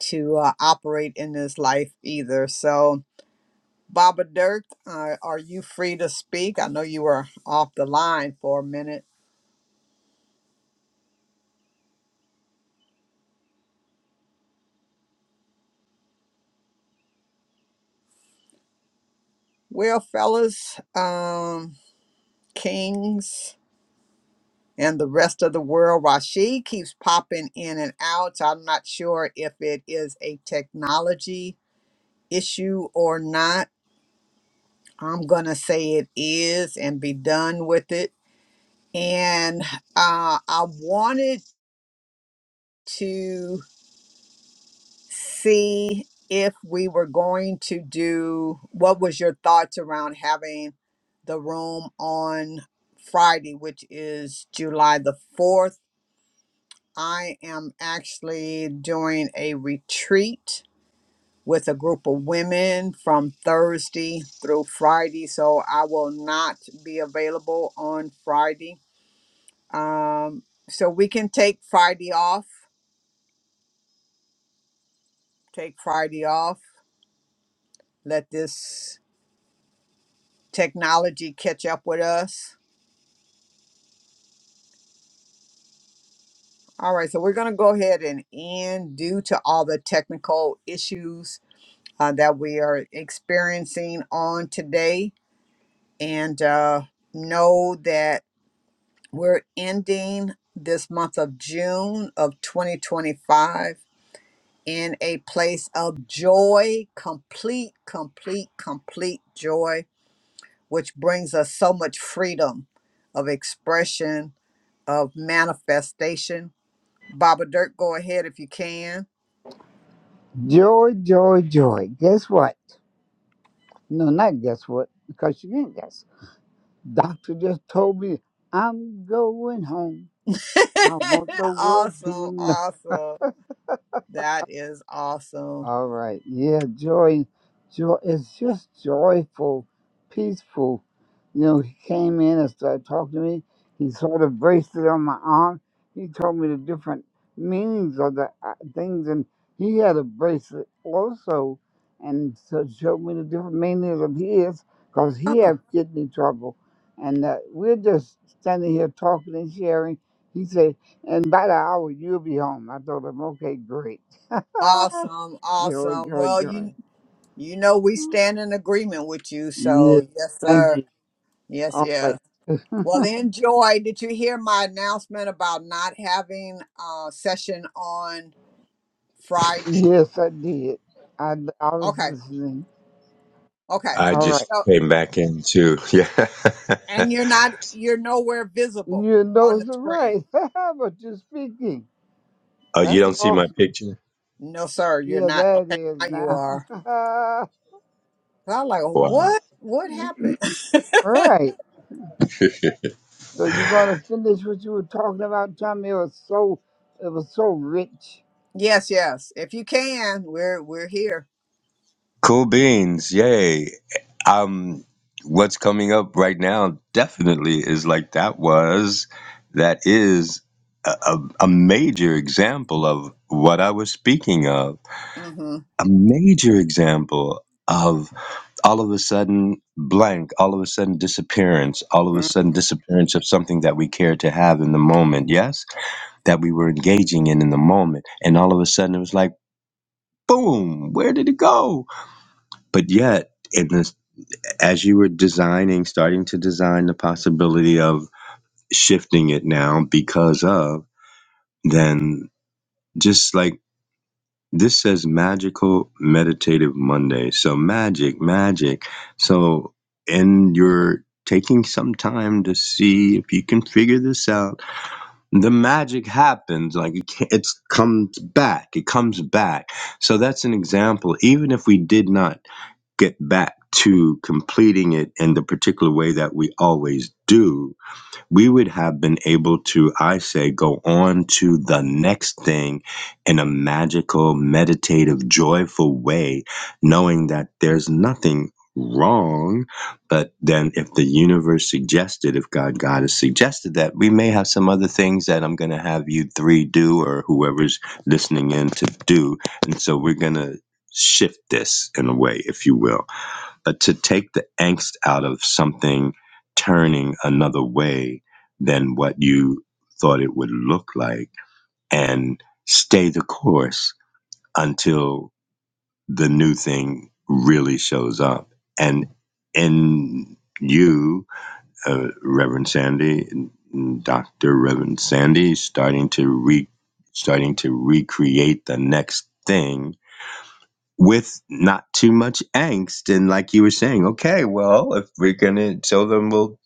to uh, operate in this life either. So, Baba Dirk, uh, are you free to speak? I know you were off the line for a minute. Well, fellas, um, kings. and the rest of the world. Rashid keeps popping in and out. So I'm not sure if it is a technology issue or not. I'm going to say it is and be done with it. And uh, I wanted to see if we were going to do what was your thoughts around having the room on Friday, which is July the 4th I am actually doing a retreat with a group of women from Thursday through Friday. So I will not be available on Friday. Um, so we can take Friday off, take Friday off, let this technology catch up with us. All right, so we're going to go ahead and end due to all the technical issues uh, that we are experiencing on today. and uh, know that we're ending this month of June of 2025 in a place of joy, complete, complete, complete joy, which brings us so much freedom of expression, of manifestation. Baba Dirk, go ahead if you can. joy, joy, joy. Guess what? No, not guess what, because you didn't guess. Doctor just told me I'm going home. I [LAUGHS] want the world to awesome, know. awesome. That is awesome. All right. Yeah, joy, joy. It's just joyful, peaceful. You know, he came in and started talking to me. He sort of braced it on my arm. He told me the different meanings of the uh, things, and he had a bracelet also, and so showed me the different meanings of his, cause he Huh. had kidney trouble, and uh, we're just standing here talking and sharing. He said, "And by the hour, you'll be home." I told him, "Okay, great." [LAUGHS] Awesome, Joy, awesome. joy, Well, you joy. You know we stand in agreement with you, so Yes, yes, thank you. sir. Yes, All yes. right. Well, enjoy. Did you hear my announcement about not having a session on Friday? Yes, I did. I, I was Okay, listening. okay. i All right. just So, came back into yeah and you're not, you're nowhere visible Your on nose the is right, screen. [LAUGHS] but you're speaking. [LAUGHS] oh you That's don't see my awesome. picture No, sir, you're Yeah, not. that Okay, is now you now. are. [LAUGHS] So I'm like, wow what? What happened? All [LAUGHS] right. So you're wow. gonna finish what you were talking about, Tommy. It was so, it was so rich. Yes, yes. If you can, we're we're here. Cool beans, yay. Um what's coming up right now definitely is like that was that is a, a, a major example of what I was speaking of. Mm-hmm. A major example of all of a sudden blank, all of a sudden disappearance, all of a Mm-hmm. sudden disappearance of something that we cared to have in the moment, yes, that we were engaging in in the moment. And all of a sudden it was like, boom, where did it go? But yet, in this as you were designing, starting to design the possibility of shifting it now because of, then just like this says magical meditative Monday. So magic, magic. So, and you're taking some time to see if you can figure this out. The magic happens. Like it can't, it's comes back. It comes back. So that's an example. Even if we did not get back to completing it in the particular way that we always do, we would have been able to, I say, go on to the next thing in a magical, meditative, joyful way, knowing that there's nothing wrong. But then, if the universe suggested, if God, God has suggested that, we may have some other things that I'm going to have you three do or whoever's listening in to do. And so, we're going to shift this in a way, if you will uh, to take the angst out of something turning another way than what you thought it would look like and stay the course until the new thing really shows up. And in you, uh, Reverend Sandy, Dr. Reverend Sandy, starting to re starting to recreate the next thing with not too much angst and like you were saying okay well if we're gonna tell them we'll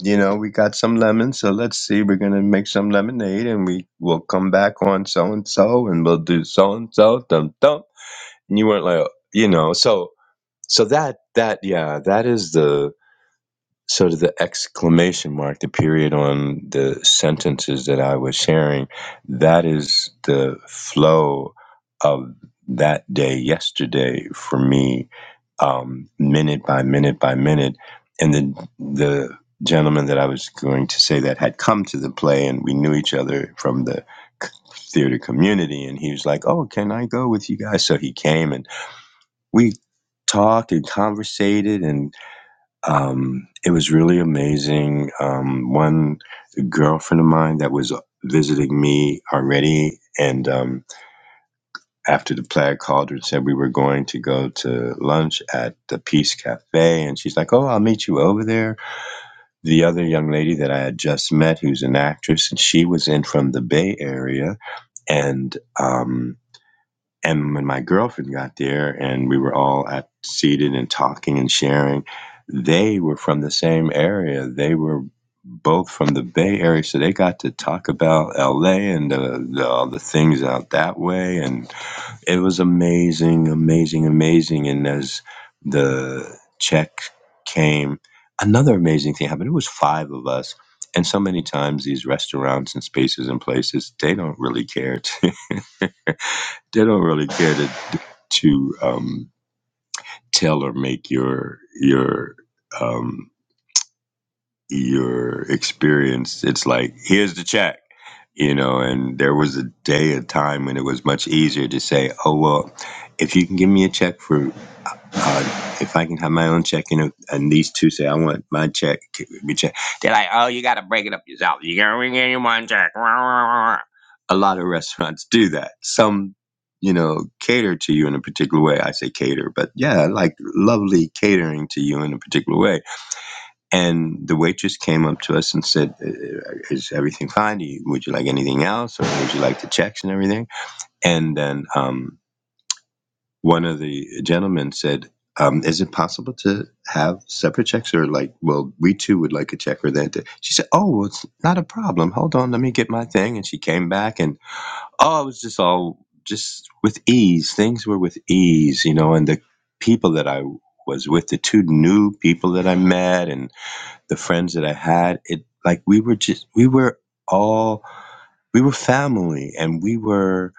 you know we got some lemons so let's see we're gonna make some lemonade and we will come back on so and so and we'll do so and so dum dum and you weren't like you know so so that that yeah that is the so to the exclamation mark, the period on the sentences that I was sharing, that is the flow of that day yesterday for me, um, minute by minute by minute. And the the gentleman that I was going to say that had come to the play, and we knew each other from the theater community, and he was like, "Oh, can I go with you guys?" So he came, and we talked and conversated, and. Um, it was really amazing. Um, one girlfriend of mine that was visiting me already, and um, after the Plaid called her and said we were going to go to lunch at the Peace Cafe, and she's like, "Oh, I'll meet you over there." The other young lady that I had just met, who's an actress, and she was in from the Bay Area, and um, and when my girlfriend got there and we were all at, seated and talking and sharing, they were from the same area. They were both from the Bay Area, so they got to talk about LA and the, the, all the things out that way. And it was amazing, amazing, amazing. And as the check came, another amazing thing happened. It was five of us. And so many times, these restaurants and spaces and places, they don't really care to [LAUGHS] they don't really care to to um, tailor make your your um, your experience. It's like here's the check, you know. And there was a day, a time when it was much easier to say, "Oh well, if you can give me a check for uh, if I can have my own check, you know, and these two say, I want my check to be checked. They're like, oh, you got to break it up yourself. You got to bring in one check. A lot of restaurants do that. Some, you know, cater to you in a particular way. I say cater, but yeah, like lovely catering to you in a particular way. And the waitress came up to us and said, "Uh, uh, is everything fine? would you like anything else? Or would you like the checks and everything? And then, um, one of the gentlemen said, um, "Is it possible to have separate checks, or like, well, we too would like a check for that?" She said, "Oh, well, it's not a problem. Hold on, let me get my thing." And she came back, and oh, it was just all just with ease. Things were with ease, you know, and the people that I was with, the two new people that I met, and the friends that I had, it like we were just we were all we were family, and we were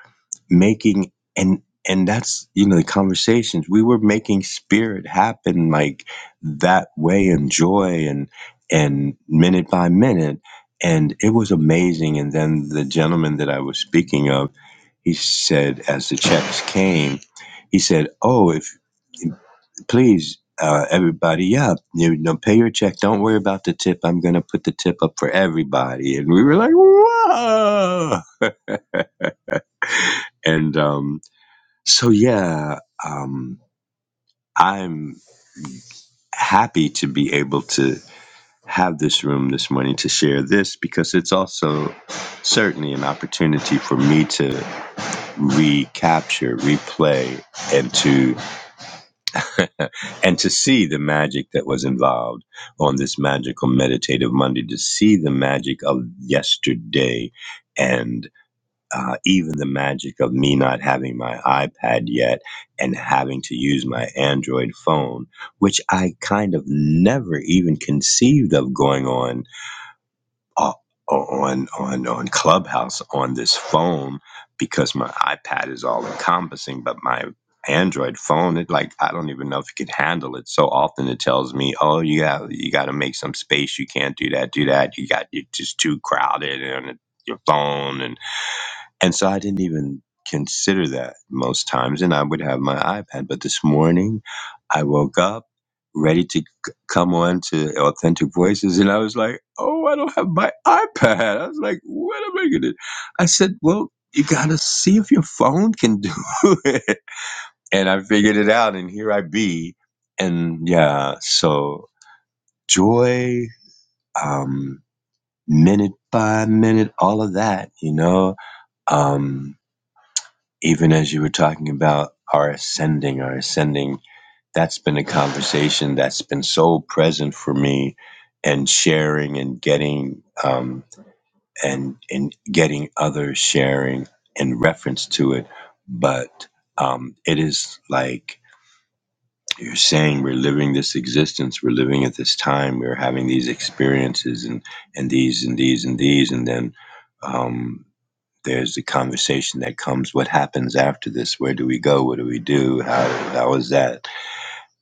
making and and that's you know the conversations we were making spirit happen like that way and joy and and minute by minute and it was amazing and then the gentleman that i was speaking of he said as the checks came he said oh if please uh, everybody up you know pay your check don't worry about the tip i'm going to put the tip up for everybody and we were like whoa and um so yeah um I'm happy to be able to have this room this morning to share this because it's also certainly an opportunity for me to recapture, replay, and to [LAUGHS] and to see the magic that was involved on this magical meditative Monday, to see the magic of yesterday and. uh, even the magic of me not having my iPad yet and having to use my Android phone, which I kind of never even conceived of going on uh, on on on Clubhouse on this phone because my iPad is all encompassing, but my Android phone, it like I don't even know if it can handle it. So often it tells me, "Oh, you got you got to make some space. You can't do that, do that. You got you're just too crowded and your phone." and." And so I didn't even consider that most times. And I would have my iPad. But this morning, I woke up ready to c- come on to Authentic Voices. And I was like, oh, I don't have my iPad. I was like, what am I going to I said, well, you got to see if your phone can do [LAUGHS] it. And I figured it out. And here I be. And yeah, so joy, um, minute by minute, all of that, you know. Um, even as you were talking about our ascending, our ascending, that's been a conversation that's been so present for me and sharing and getting um, and and getting others sharing in reference to it. But um, it is like you're saying we're living this existence, we're living at this time, we're having these experiences and and these and these and these, and then um, there's the conversation that comes what happens after this where do we go what do we do how how is that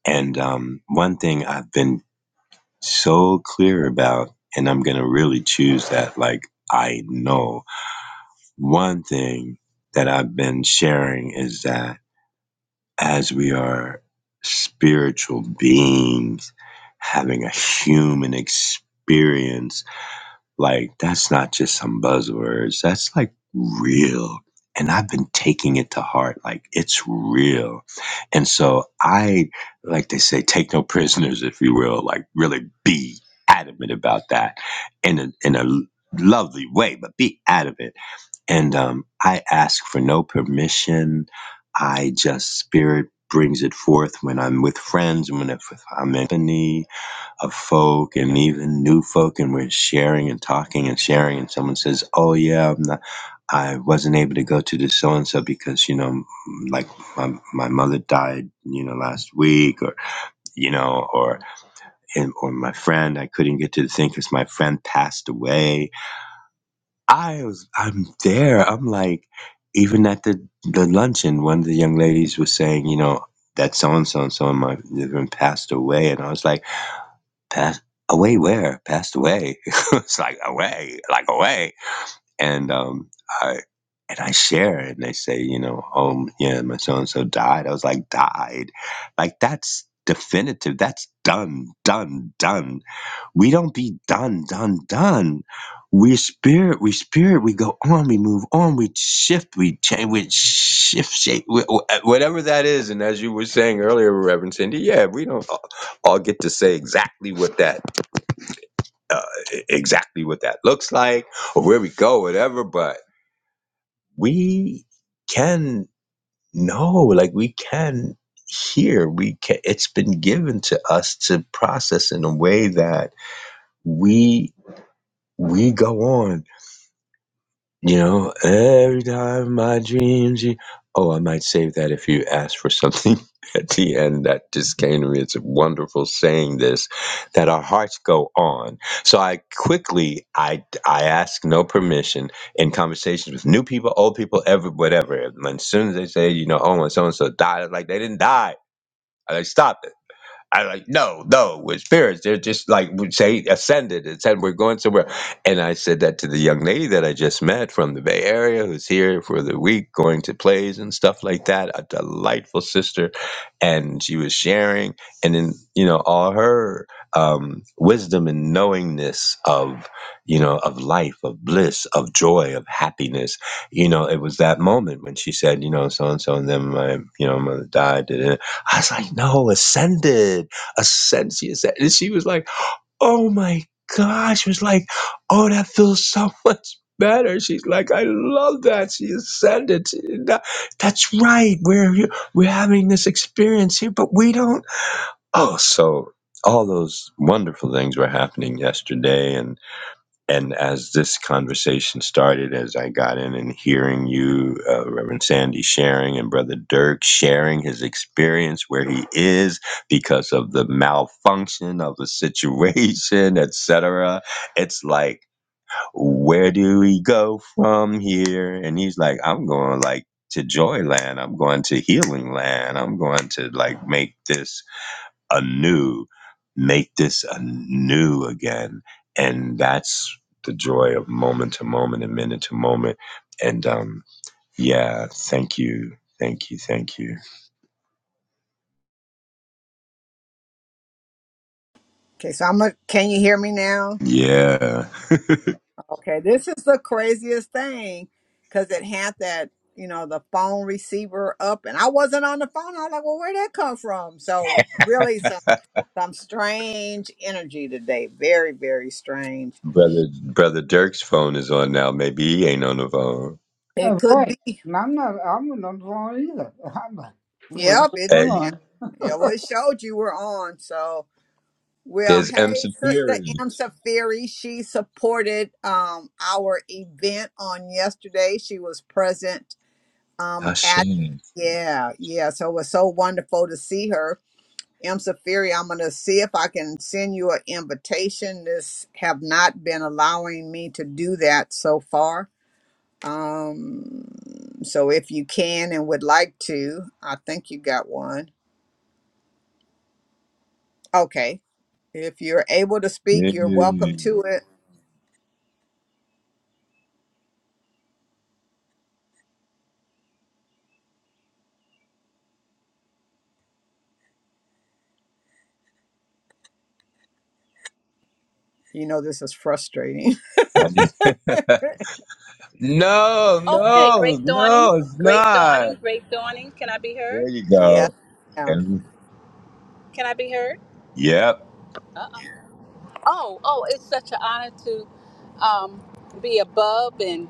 and um, one thing i've been so clear about and i'm going to really choose that like i know one thing that i've been sharing is that as we are spiritual beings having a human experience Like, that's not just some buzzwords. That's like real. And I've been taking it to heart. Like, it's real. And so I, like they say, take no prisoners, if you will, like really be adamant about that in a, in a lovely way, but be adamant. And um, I ask for no permission. I just, spirit brings it forth when I'm with friends, when I'm with family of folk and even new folk and we're sharing and talking and sharing and someone says oh yeah I'm not, i wasn't able to go to the so and so because you know m- like my, my mother died you know last week or you know or and, or my friend i couldn't get to the thing because my friend passed away i was i'm there i'm like even at the the luncheon one of the young ladies was saying you know that so and so and so and my husband passed away and i was like Passed away where? Passed away. [LAUGHS] it's like away, like away. And um, I and I share, it, and they say, you know, oh yeah, my so and so died. I was like, died, like that's definitive. That's done, done, done. We don't be done, done, done. We spirit, we spirit. We go on, we move on, we shift, we change, we shift shape, wh- whatever that is. And as you were saying earlier, Reverend Cindy, yeah, we don't all get to say exactly what that uh, e-, exactly what that looks like or where we go, whatever, but we can know, like we can hear, we can, it's been given to us to process in a way that we, we go on You know, every time I dreams you. Oh, I might save that if you ask for something [LAUGHS] at the end. That just came to me. It's wonderful saying this, that our hearts go on. So I quickly, I I ask no permission in conversations with new people, old people, ever, whatever. And as soon as they say, you know, oh, and so and so died, I'm like they didn't die. I like stop. I like, no, no, we're spirits. They're just like we say ascended and said we're going somewhere. And I said that to the young lady that I just met from the Bay Area who's here for the week, going to plays and stuff like that. A delightful sister. And she was sharing and then, you know, all her um, wisdom and knowingness of, you know, of life, of bliss, of joy, of happiness. You know, it was that moment when she said, you know, so and so and then my, you know, mother died. Da-da-da. I was like, no, ascended, ascend. She ascended. And she was like, oh my gosh. She was like, oh, that feels so [LAUGHS] much better. She's like, I love that. She ascended. She- that- that's right. We're here- we're having this experience here, but we don't. Oh, so all those wonderful things were happening yesterday, and and as this conversation started, as I got in and hearing you, uh, Reverend Sandy sharing, and Brother Dirk sharing his experience where he is because of the malfunction of the situation, [LAUGHS] et cetera, it's like, where do we go from here? And he's like, I'm going like to Joyland. I'm going to Healing Land. I'm going to like make this anew, make this anew again. And that's the joy of moment to moment and minute to moment. And um, yeah, thank you. Thank you. Thank you. Okay, so I'm. A, can you hear me now? Yeah. Okay, this is the craziest thing because it had that, you know, the phone receiver up, and I wasn't on the phone. I was like, well, where'd that come from? So, really, some, some strange energy today. Very, very strange. Brother Brother Dirk's phone is on now. Maybe he ain't on the phone. It All could right. be. And I'm not. I'm not wrong either. [LAUGHS] I'm like, what's Yep, it, Hey, going yeah, on? yeah, well, it showed you were on. So, well, there's M hey, Sister Safiri. M. Safiri, she supported um, our event on yesterday. She was present Um, at Hashim. yeah, yeah. So it was so wonderful to see her. M. Safiri, I'm gonna see if I can send you an invitation. This have not been allowing me to do that so far. Um, so if you can and would like to, I think you got one. Okay. If you're able to speak, Yeah. you're welcome to it. You know this is frustrating. [LAUGHS] no, Okay, no, great dawning, no, it's great not. dawning, great dawning. Can I be heard? There you [LAUGHS] yeah. go. Yeah. And Can I be heard? yep. Uh-uh. Oh, oh, it's such an honor to um, be above and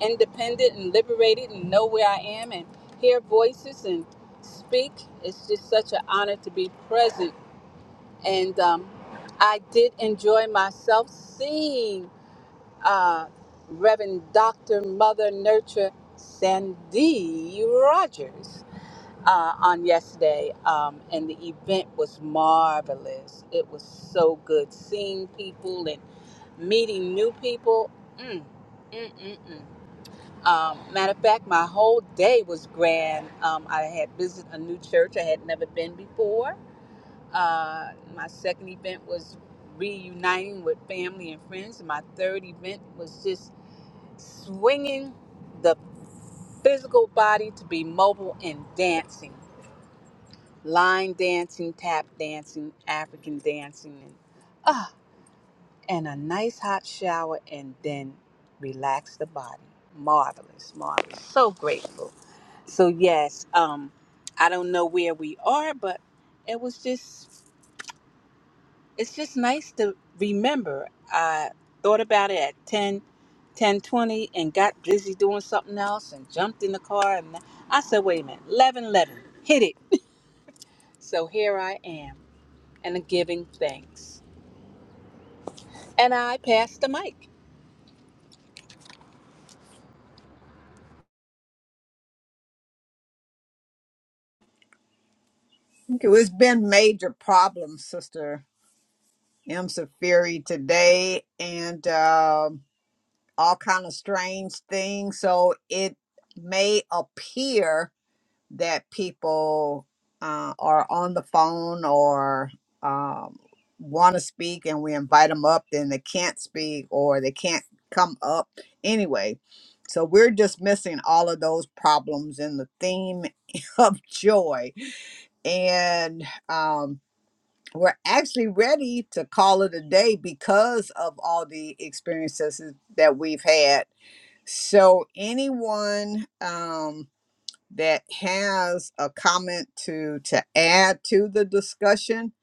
independent and liberated and know where I am and hear voices and speak. It's just such an honor to be present. And um, I did enjoy myself seeing uh, Reverend Dr. Mother Nurture Sandy Rogers. uh, on yesterday, um, and the event was marvelous. It was so good seeing people and meeting new people. Mm, mm, mm, mm. Um, matter of fact, my whole day was grand. Um, I had visited a new church I had never been before. Uh, my second event was reuniting with family and friends. My third event was just swinging the physical body to be mobile and dancing line dancing, tap dancing, African dancing, and ah, and a nice hot shower, and then relax the body. Marvelous, marvelous. So grateful. So yes, um, I don't know where we are, but it was just, it's just nice to remember. I thought about it at ten, ten twenty, and got busy doing something else and jumped in the car and I said, wait a minute, 11, 11, hit it. [LAUGHS] So here I am and I'm giving thanks. And I passed the mic. Okay, well, It's been major problems, sister M. Safiri today and um all kind of strange things. So it may appear that people uh, are on the phone or um, want to speak and we invite them up, then they can't speak or they can't come up anyway. So we're dismissing all of those problems in the theme [LAUGHS] of joy. And um, we're actually ready to call it a day because of all the experiences that we've had. So, anyone um, that has a comment to to add to the discussion,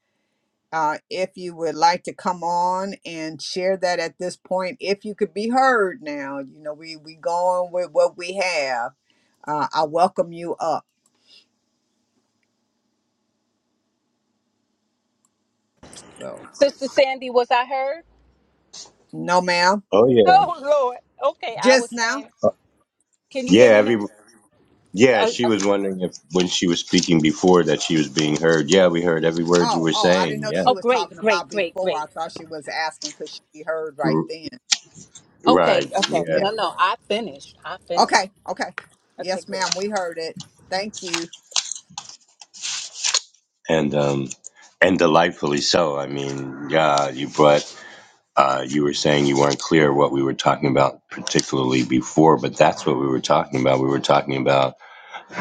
uh, if you would like to come on and share that at this point, if you could be heard now, you know we we going with what we have. Uh, I welcome you up. So, Sister Sandy, was I heard? no, ma'am, Oh yeah. Oh, Lord. Okay, I just was now. saying, Uh, can you Yeah, hear me every now? Yeah, Uh, she uh, was wondering if when she was speaking before that she was being heard. Yeah, we heard every word you Oh, were oh, I didn't saying. know Yeah. she oh, was great, talking great, about great, before. I great. thought she was asking because she heard right R- then. Right. Okay, okay. Yeah. No, Yeah. no, I finished. I finished. Okay. Okay. Okay, Yes, good. ma'am. We heard it. Thank you. And um and delightfully so. I mean, yeah, you brought uh you were saying you weren't clear what we were talking about particularly before, but that's what we were talking about. We were talking about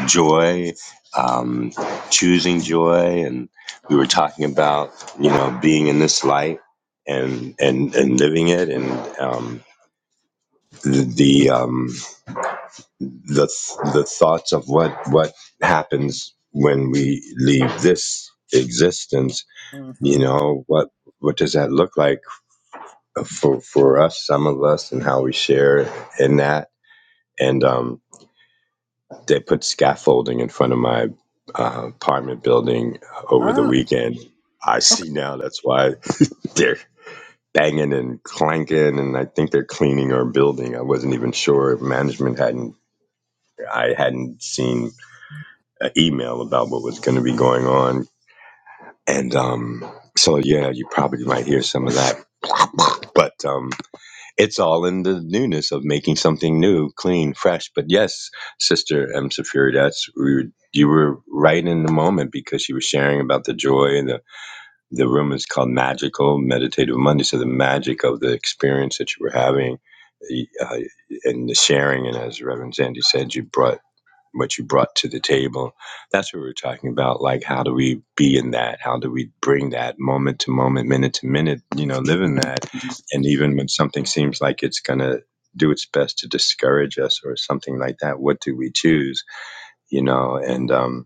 joy, um choosing joy and we were talking about, you know, being in this light and and and living it and um the, the um the the thoughts of what what happens when we leave this existence you Mm-hmm. know what what does that look like for for us some of us and how we share in that and um they put scaffolding in front of my uh, apartment building over the Oh, weekend i okay. see now that's why they're banging and clanking and i think they're cleaning our building i wasn't even sure if management hadn't i hadn't seen an email about what was going to be going on. And um, so, yeah, you probably might hear some of that. But um, it's all in the newness of making something new, clean, fresh. But yes, Sister M. Safiri, that's we were, you were right in the moment because she was sharing about the joy. And the, the room is called Magical Meditative Monday. So the magic of the experience that you were having uh, and the sharing. And as Reverend Sandy said, you brought what you brought to the table. That's what we were talking about. Like, how do we be in that? How do we bring that moment to moment, minute to minute, you know, live in that? And even when something seems like it's going to do its best to discourage us or something like that, what do we choose, you know? And, um,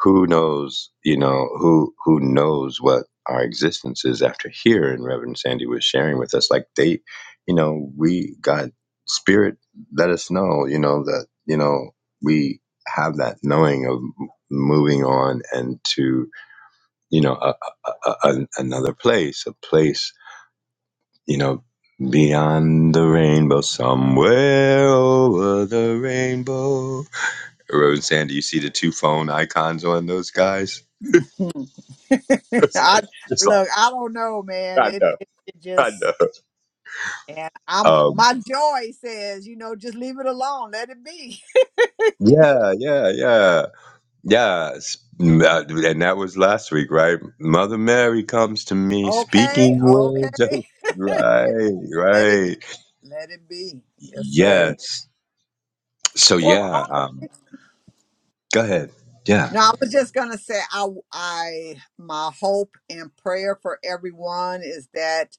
who knows, you know, who who knows what our existence is after here? And Reverend Sandy was sharing with us, like they, you know, we God Spirit let us know, you know, that you know we have that knowing of m- moving on and to you know a, a, a, a- another place, a place, you know. Beyond the rainbow, somewhere over the rainbow. Reverend Sandy, you see the two phone icons on those guys? [LAUGHS] [LAUGHS] it's I like it's like look. I don't know, man. I It, know, it it I just know. and I'm Um, my joy says, you know, just leave it alone. Let it be. [LAUGHS] yeah, yeah, yeah, yeah. S- m- uh, And that was last week, right? Mother Mary comes to me, Okay. speaking Okay. words of [LAUGHS] [LAUGHS] right, Let it be. right. Let it be. Yes, sir. Yes. So Well, yeah. Um, go ahead. Yeah. No, I was just gonna say I I my hope and prayer for everyone is that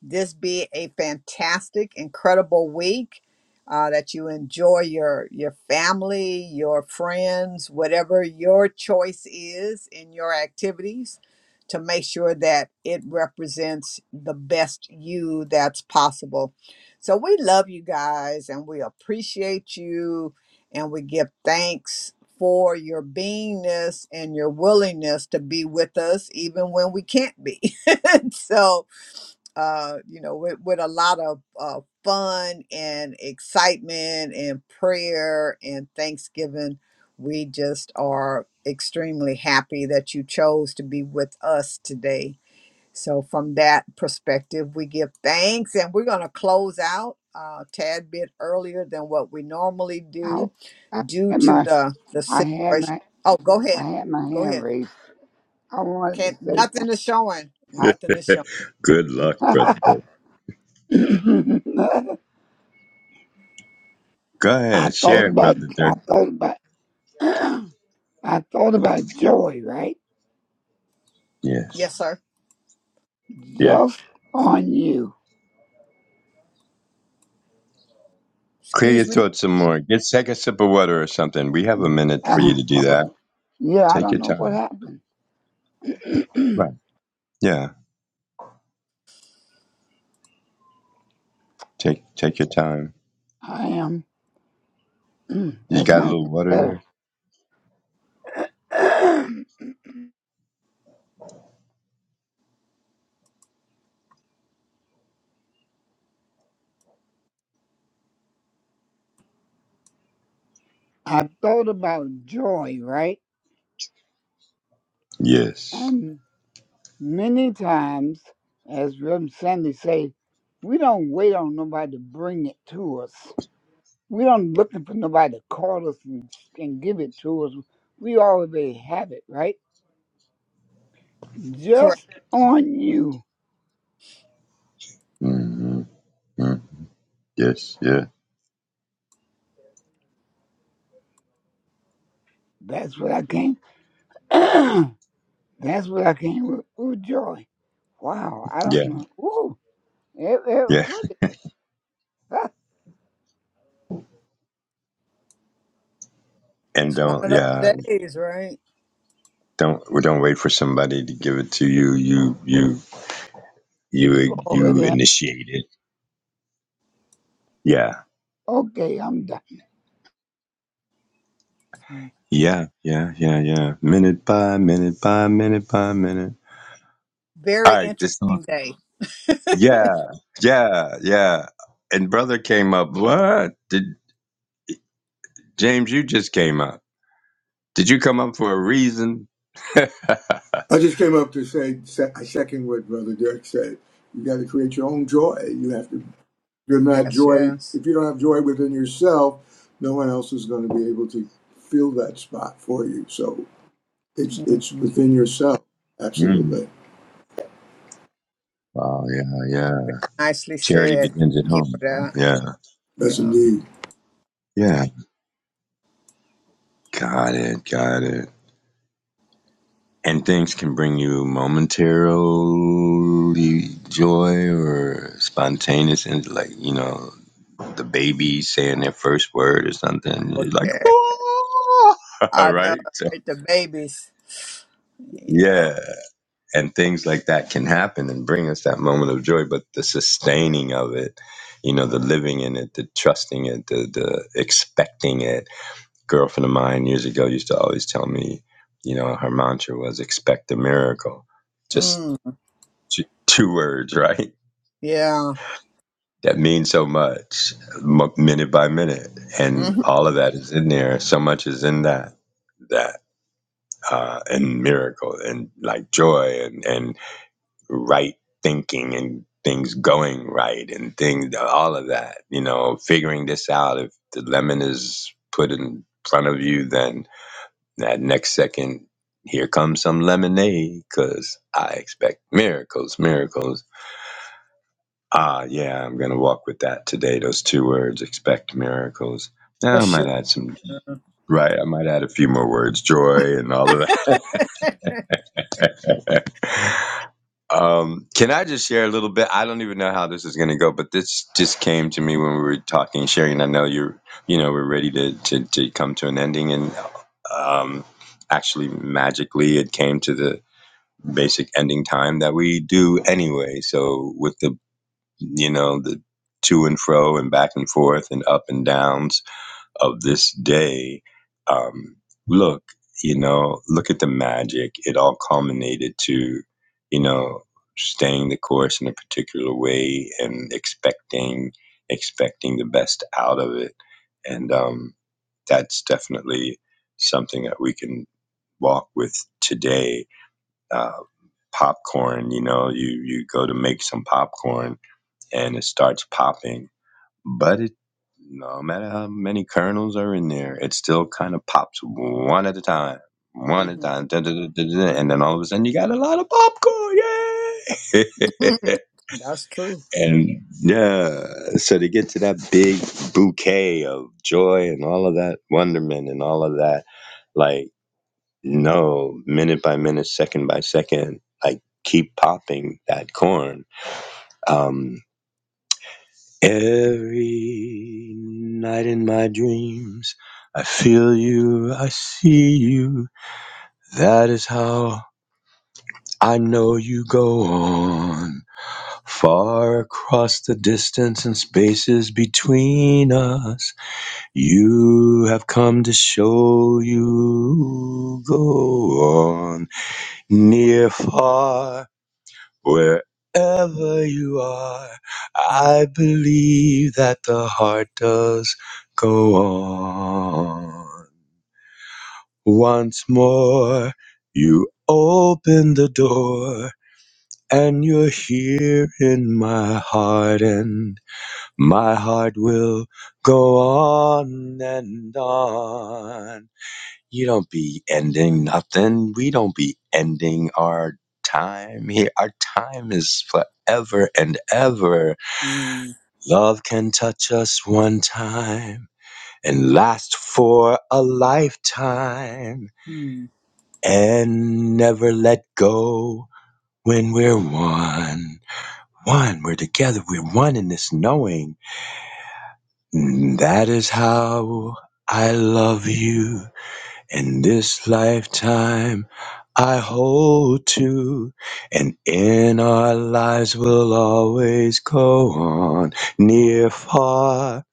this be a fantastic, incredible week. Uh, that you enjoy your your family, your friends, whatever your choice is in your activities, to make sure that it represents the best you that's possible. So we love you guys and we appreciate you and we give thanks for your beingness and your willingness to be with us even when we can't be. [LAUGHS] so, uh, you know, with, with a lot of uh, fun and excitement and prayer and thanksgiving, we just are extremely happy that you chose to be with us today. So, from that perspective, we give thanks and we're going to close out uh, a tad bit earlier than what we normally do How, how due am to I? the the I had my situation. Oh, go I ahead, had my go hand ahead. raised. I wanted to Can't say nothing is showing. something. Nothing is showing. [LAUGHS] Good luck, brother. I Dirk. [LAUGHS] Go I ahead, thought share, it, about, brother I Dirk. thought about, [CLEARS THROAT] I thought about joy, right? Yes. Yes, sir. Yeah. Just on you. Clear your Excuse me. throat some more. Get take a sip of water or something. We have a minute for Uh, you to do hold that. it. yeah, I Take don't your know what time. happened. [CLEARS THROAT] Right. Yeah. Take take your time. I am. [CLEARS THROAT] You That's got a not little getting water better. there? [CLEARS THROAT] I thought about joy, right? Yes. And many times, as Reverend Sandy say, we don't wait on nobody to bring it to us. We aren't looking for nobody to call us and, and give it to us. We already have it, right? Correct. Just on you. hmm Yes. Yeah. That's what I came. [CLEARS THROAT] That's what I came with. Ooh, joy. Wow, I don't Yeah. know. Ooh, it, it, Yeah. what the, And It's one don't. of Yeah. those days, right? Don't. We don't wait for somebody to give it to you. You. You. [LAUGHS] you You. You already have. initiate it. Yeah. Okay, I'm done. Mm. Yeah. Yeah. Yeah. Yeah. Minute by minute by minute by minute. All Very right. This. song. interesting day. Yeah. Yeah. Yeah. And brother came up. What did James? You just came up. Did you come up for a reason? I just came up to say, se- I second what Brother Dirk said. You got to create your own joy. You have to, you're not Yes, joy, yes. if you don't have joy within yourself, no one else is going to be able to fill that spot for you. So it's it's hmm within yourself. [LAUGHS] Absolutely. Wow! yeah, yeah. Very nicely Charity said. Thank begins at you for home. that. Yeah, That's Yeah. indeed. yeah. Got it, got it. And things can bring you momentarily joy or spontaneous, and like you know, the baby saying their first word or something. Oh You're like, yeah. "Whoa!" [LAUGHS] I know. right? So, Right? The babies. Yeah. yeah. And things like that can happen and bring us that moment of joy, but the sustaining of it, you know, the living in it, the trusting it, the the expecting it girlfriend of mine years ago used to always tell me, you know, her mantra was expect a miracle. Just Mm. t- two words, [LAUGHS] right? Yeah. That means so much, m- minute by minute. And hmm all of that is in there. So much is in that, that, uh, and miracle and like joy and, and right thinking and things going right and things, all of that, you know, figuring this out. If the lemon is put in front of you, then That next second, here comes some lemonade, cause I expect miracles, miracles. Ah, yeah, I'm going to walk with that today. Those two words, expect miracles. For Now I might sure. add some, right? I might add a few more words, joy and all of that. [LAUGHS] um, can I just share a little bit? I don't even know how this is going to go, but this just came to me when we were talking, sharing. I know you're, you know, we're ready to, to, to come to an ending and, um, actually magically it came to the, basic ending time that we do anyway. So with the you know the to and fro and back and forth and up and downs of this day, um, look, you know, look at the magic. It all culminated to you know staying the course in a particular way and expecting expecting the best out of it, and um, that's definitely something that we can walk with today Uh, popcorn. You know, you you go to make some popcorn and it starts popping, but it no matter how many kernels are in there, it still kind of pops one at a time, one at a hmm time, da, da, da, da, da, da, and then all of a sudden you got a lot of popcorn. [LAUGHS] Yay! That's true. [LAUGHS] and yeah, so to get to that big bouquet of joy and all of that wonderment and all of that, like no, minute by minute, second by second, like keep popping that corn. Um, every night in my dreams, I feel you, I see you. That is how I know you go on. Far across the distance and spaces between us, you have come to show you go on. Near, far. Wherever you are, Mm, I believe that the heart does go on. Once more, you open the door, and you're here in my heart, and my heart will go on and on. You don't be ending nothing. We don't be ending our time here. Our time is forever and ever. Love can touch us one time and last for a lifetime mm, and never let go when we're one. One, we're together, we're one in this knowing. Mm, That is how I love you. In this lifetime, I hold to, and in our lives will always go on, near, far,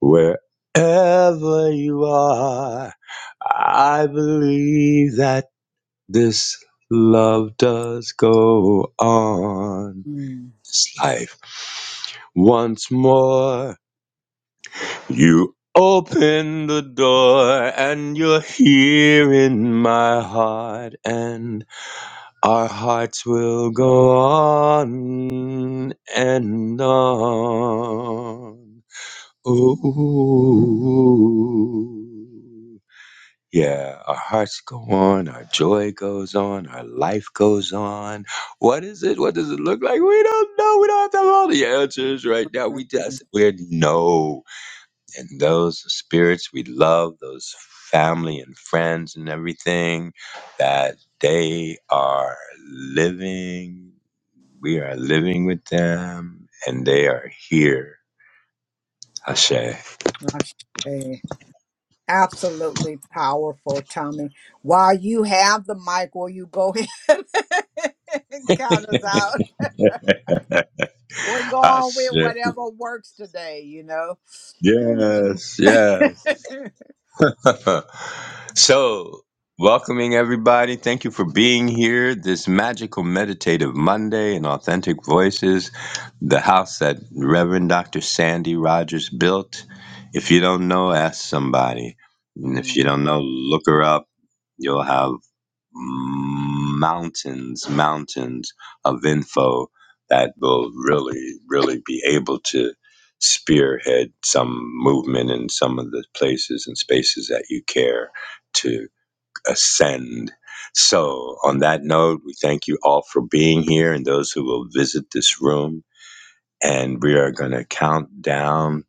wherever you are. I believe that this love does go on. mm. This life once more. You open the door and you're here in my heart, and our hearts will go on and on. Ooh. Yeah, our hearts go on, our joy goes on, our life goes on. What is it? What does it look like? We don't know. We don't have have all the answers right now. We Mhm. just, we know and those spirits we love, those family and friends and everything, that they are living, we are living with them, and they are here. Ashe. [LAUGHS] I see. Absolutely powerful, Tommy. While you have the mic, will you go ahead [LAUGHS] and count us out? We're going Ashe. with whatever works today, you know? Mm. Yes, yes. [LAUGHS] [LAUGHS] so, welcoming everybody. Thank you for being here. This magical meditative Monday and authentic voices, the house that Reverend Dr. Sandy Rogers built. If you don't know, ask somebody. And if you Mm. don't know, look her up. You'll have mountains, mountains of info that will really, really be able to spearhead some movement in some of the places and spaces that you care to ascend. So, on that note, we thank you all for being here and those who will visit this room. And we are going to count down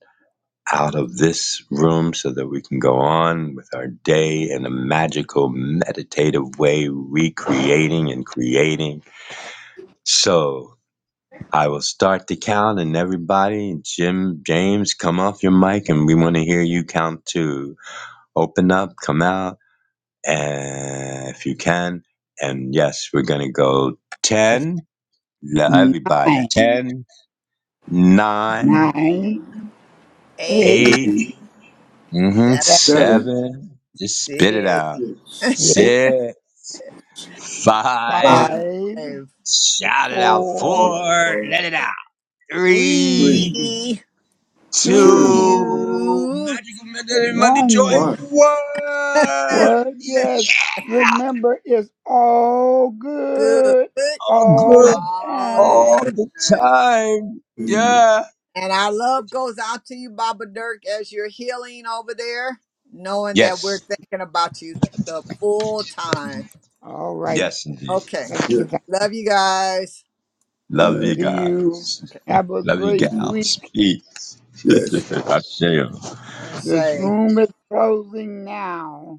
out of this room so that we can go on with our day in a magical, meditative way, recreating and creating. So I will start the count, and everybody, Jim, James, come off your mic, and we want to hear you count too. Open up, come out, and if you can. And yes, we're going to go 10. Everybody, Nine, Seven, 10, 9, nine, eight, Eight, 8, Maybe mhm, seven, six, seven, seven, 7. Just spit it out. six, six, [LAUGHS] six, five, five, five, five, shout it out, four, four, four, let it out, three, three, three, three, two, two, two, two. magical Monday, Monday joy, one. one. [LAUGHS] Well, one, yes, yeah, remember it's all Good good all all good, the all the all time. the time. time, yeah, And our love goes out to you, Baba Dirk, as you're healing over there, knowing Thank- that we're yes, thinking about you the the full time. All right. yes, indeed, Okay. Thank you. Yes. Thank Love you guys. love Uh, you you. guys, Okay. Have a love you great gals, week. peace, yes. [LAUGHS] [LAUGHS] I I this say. room is closing now.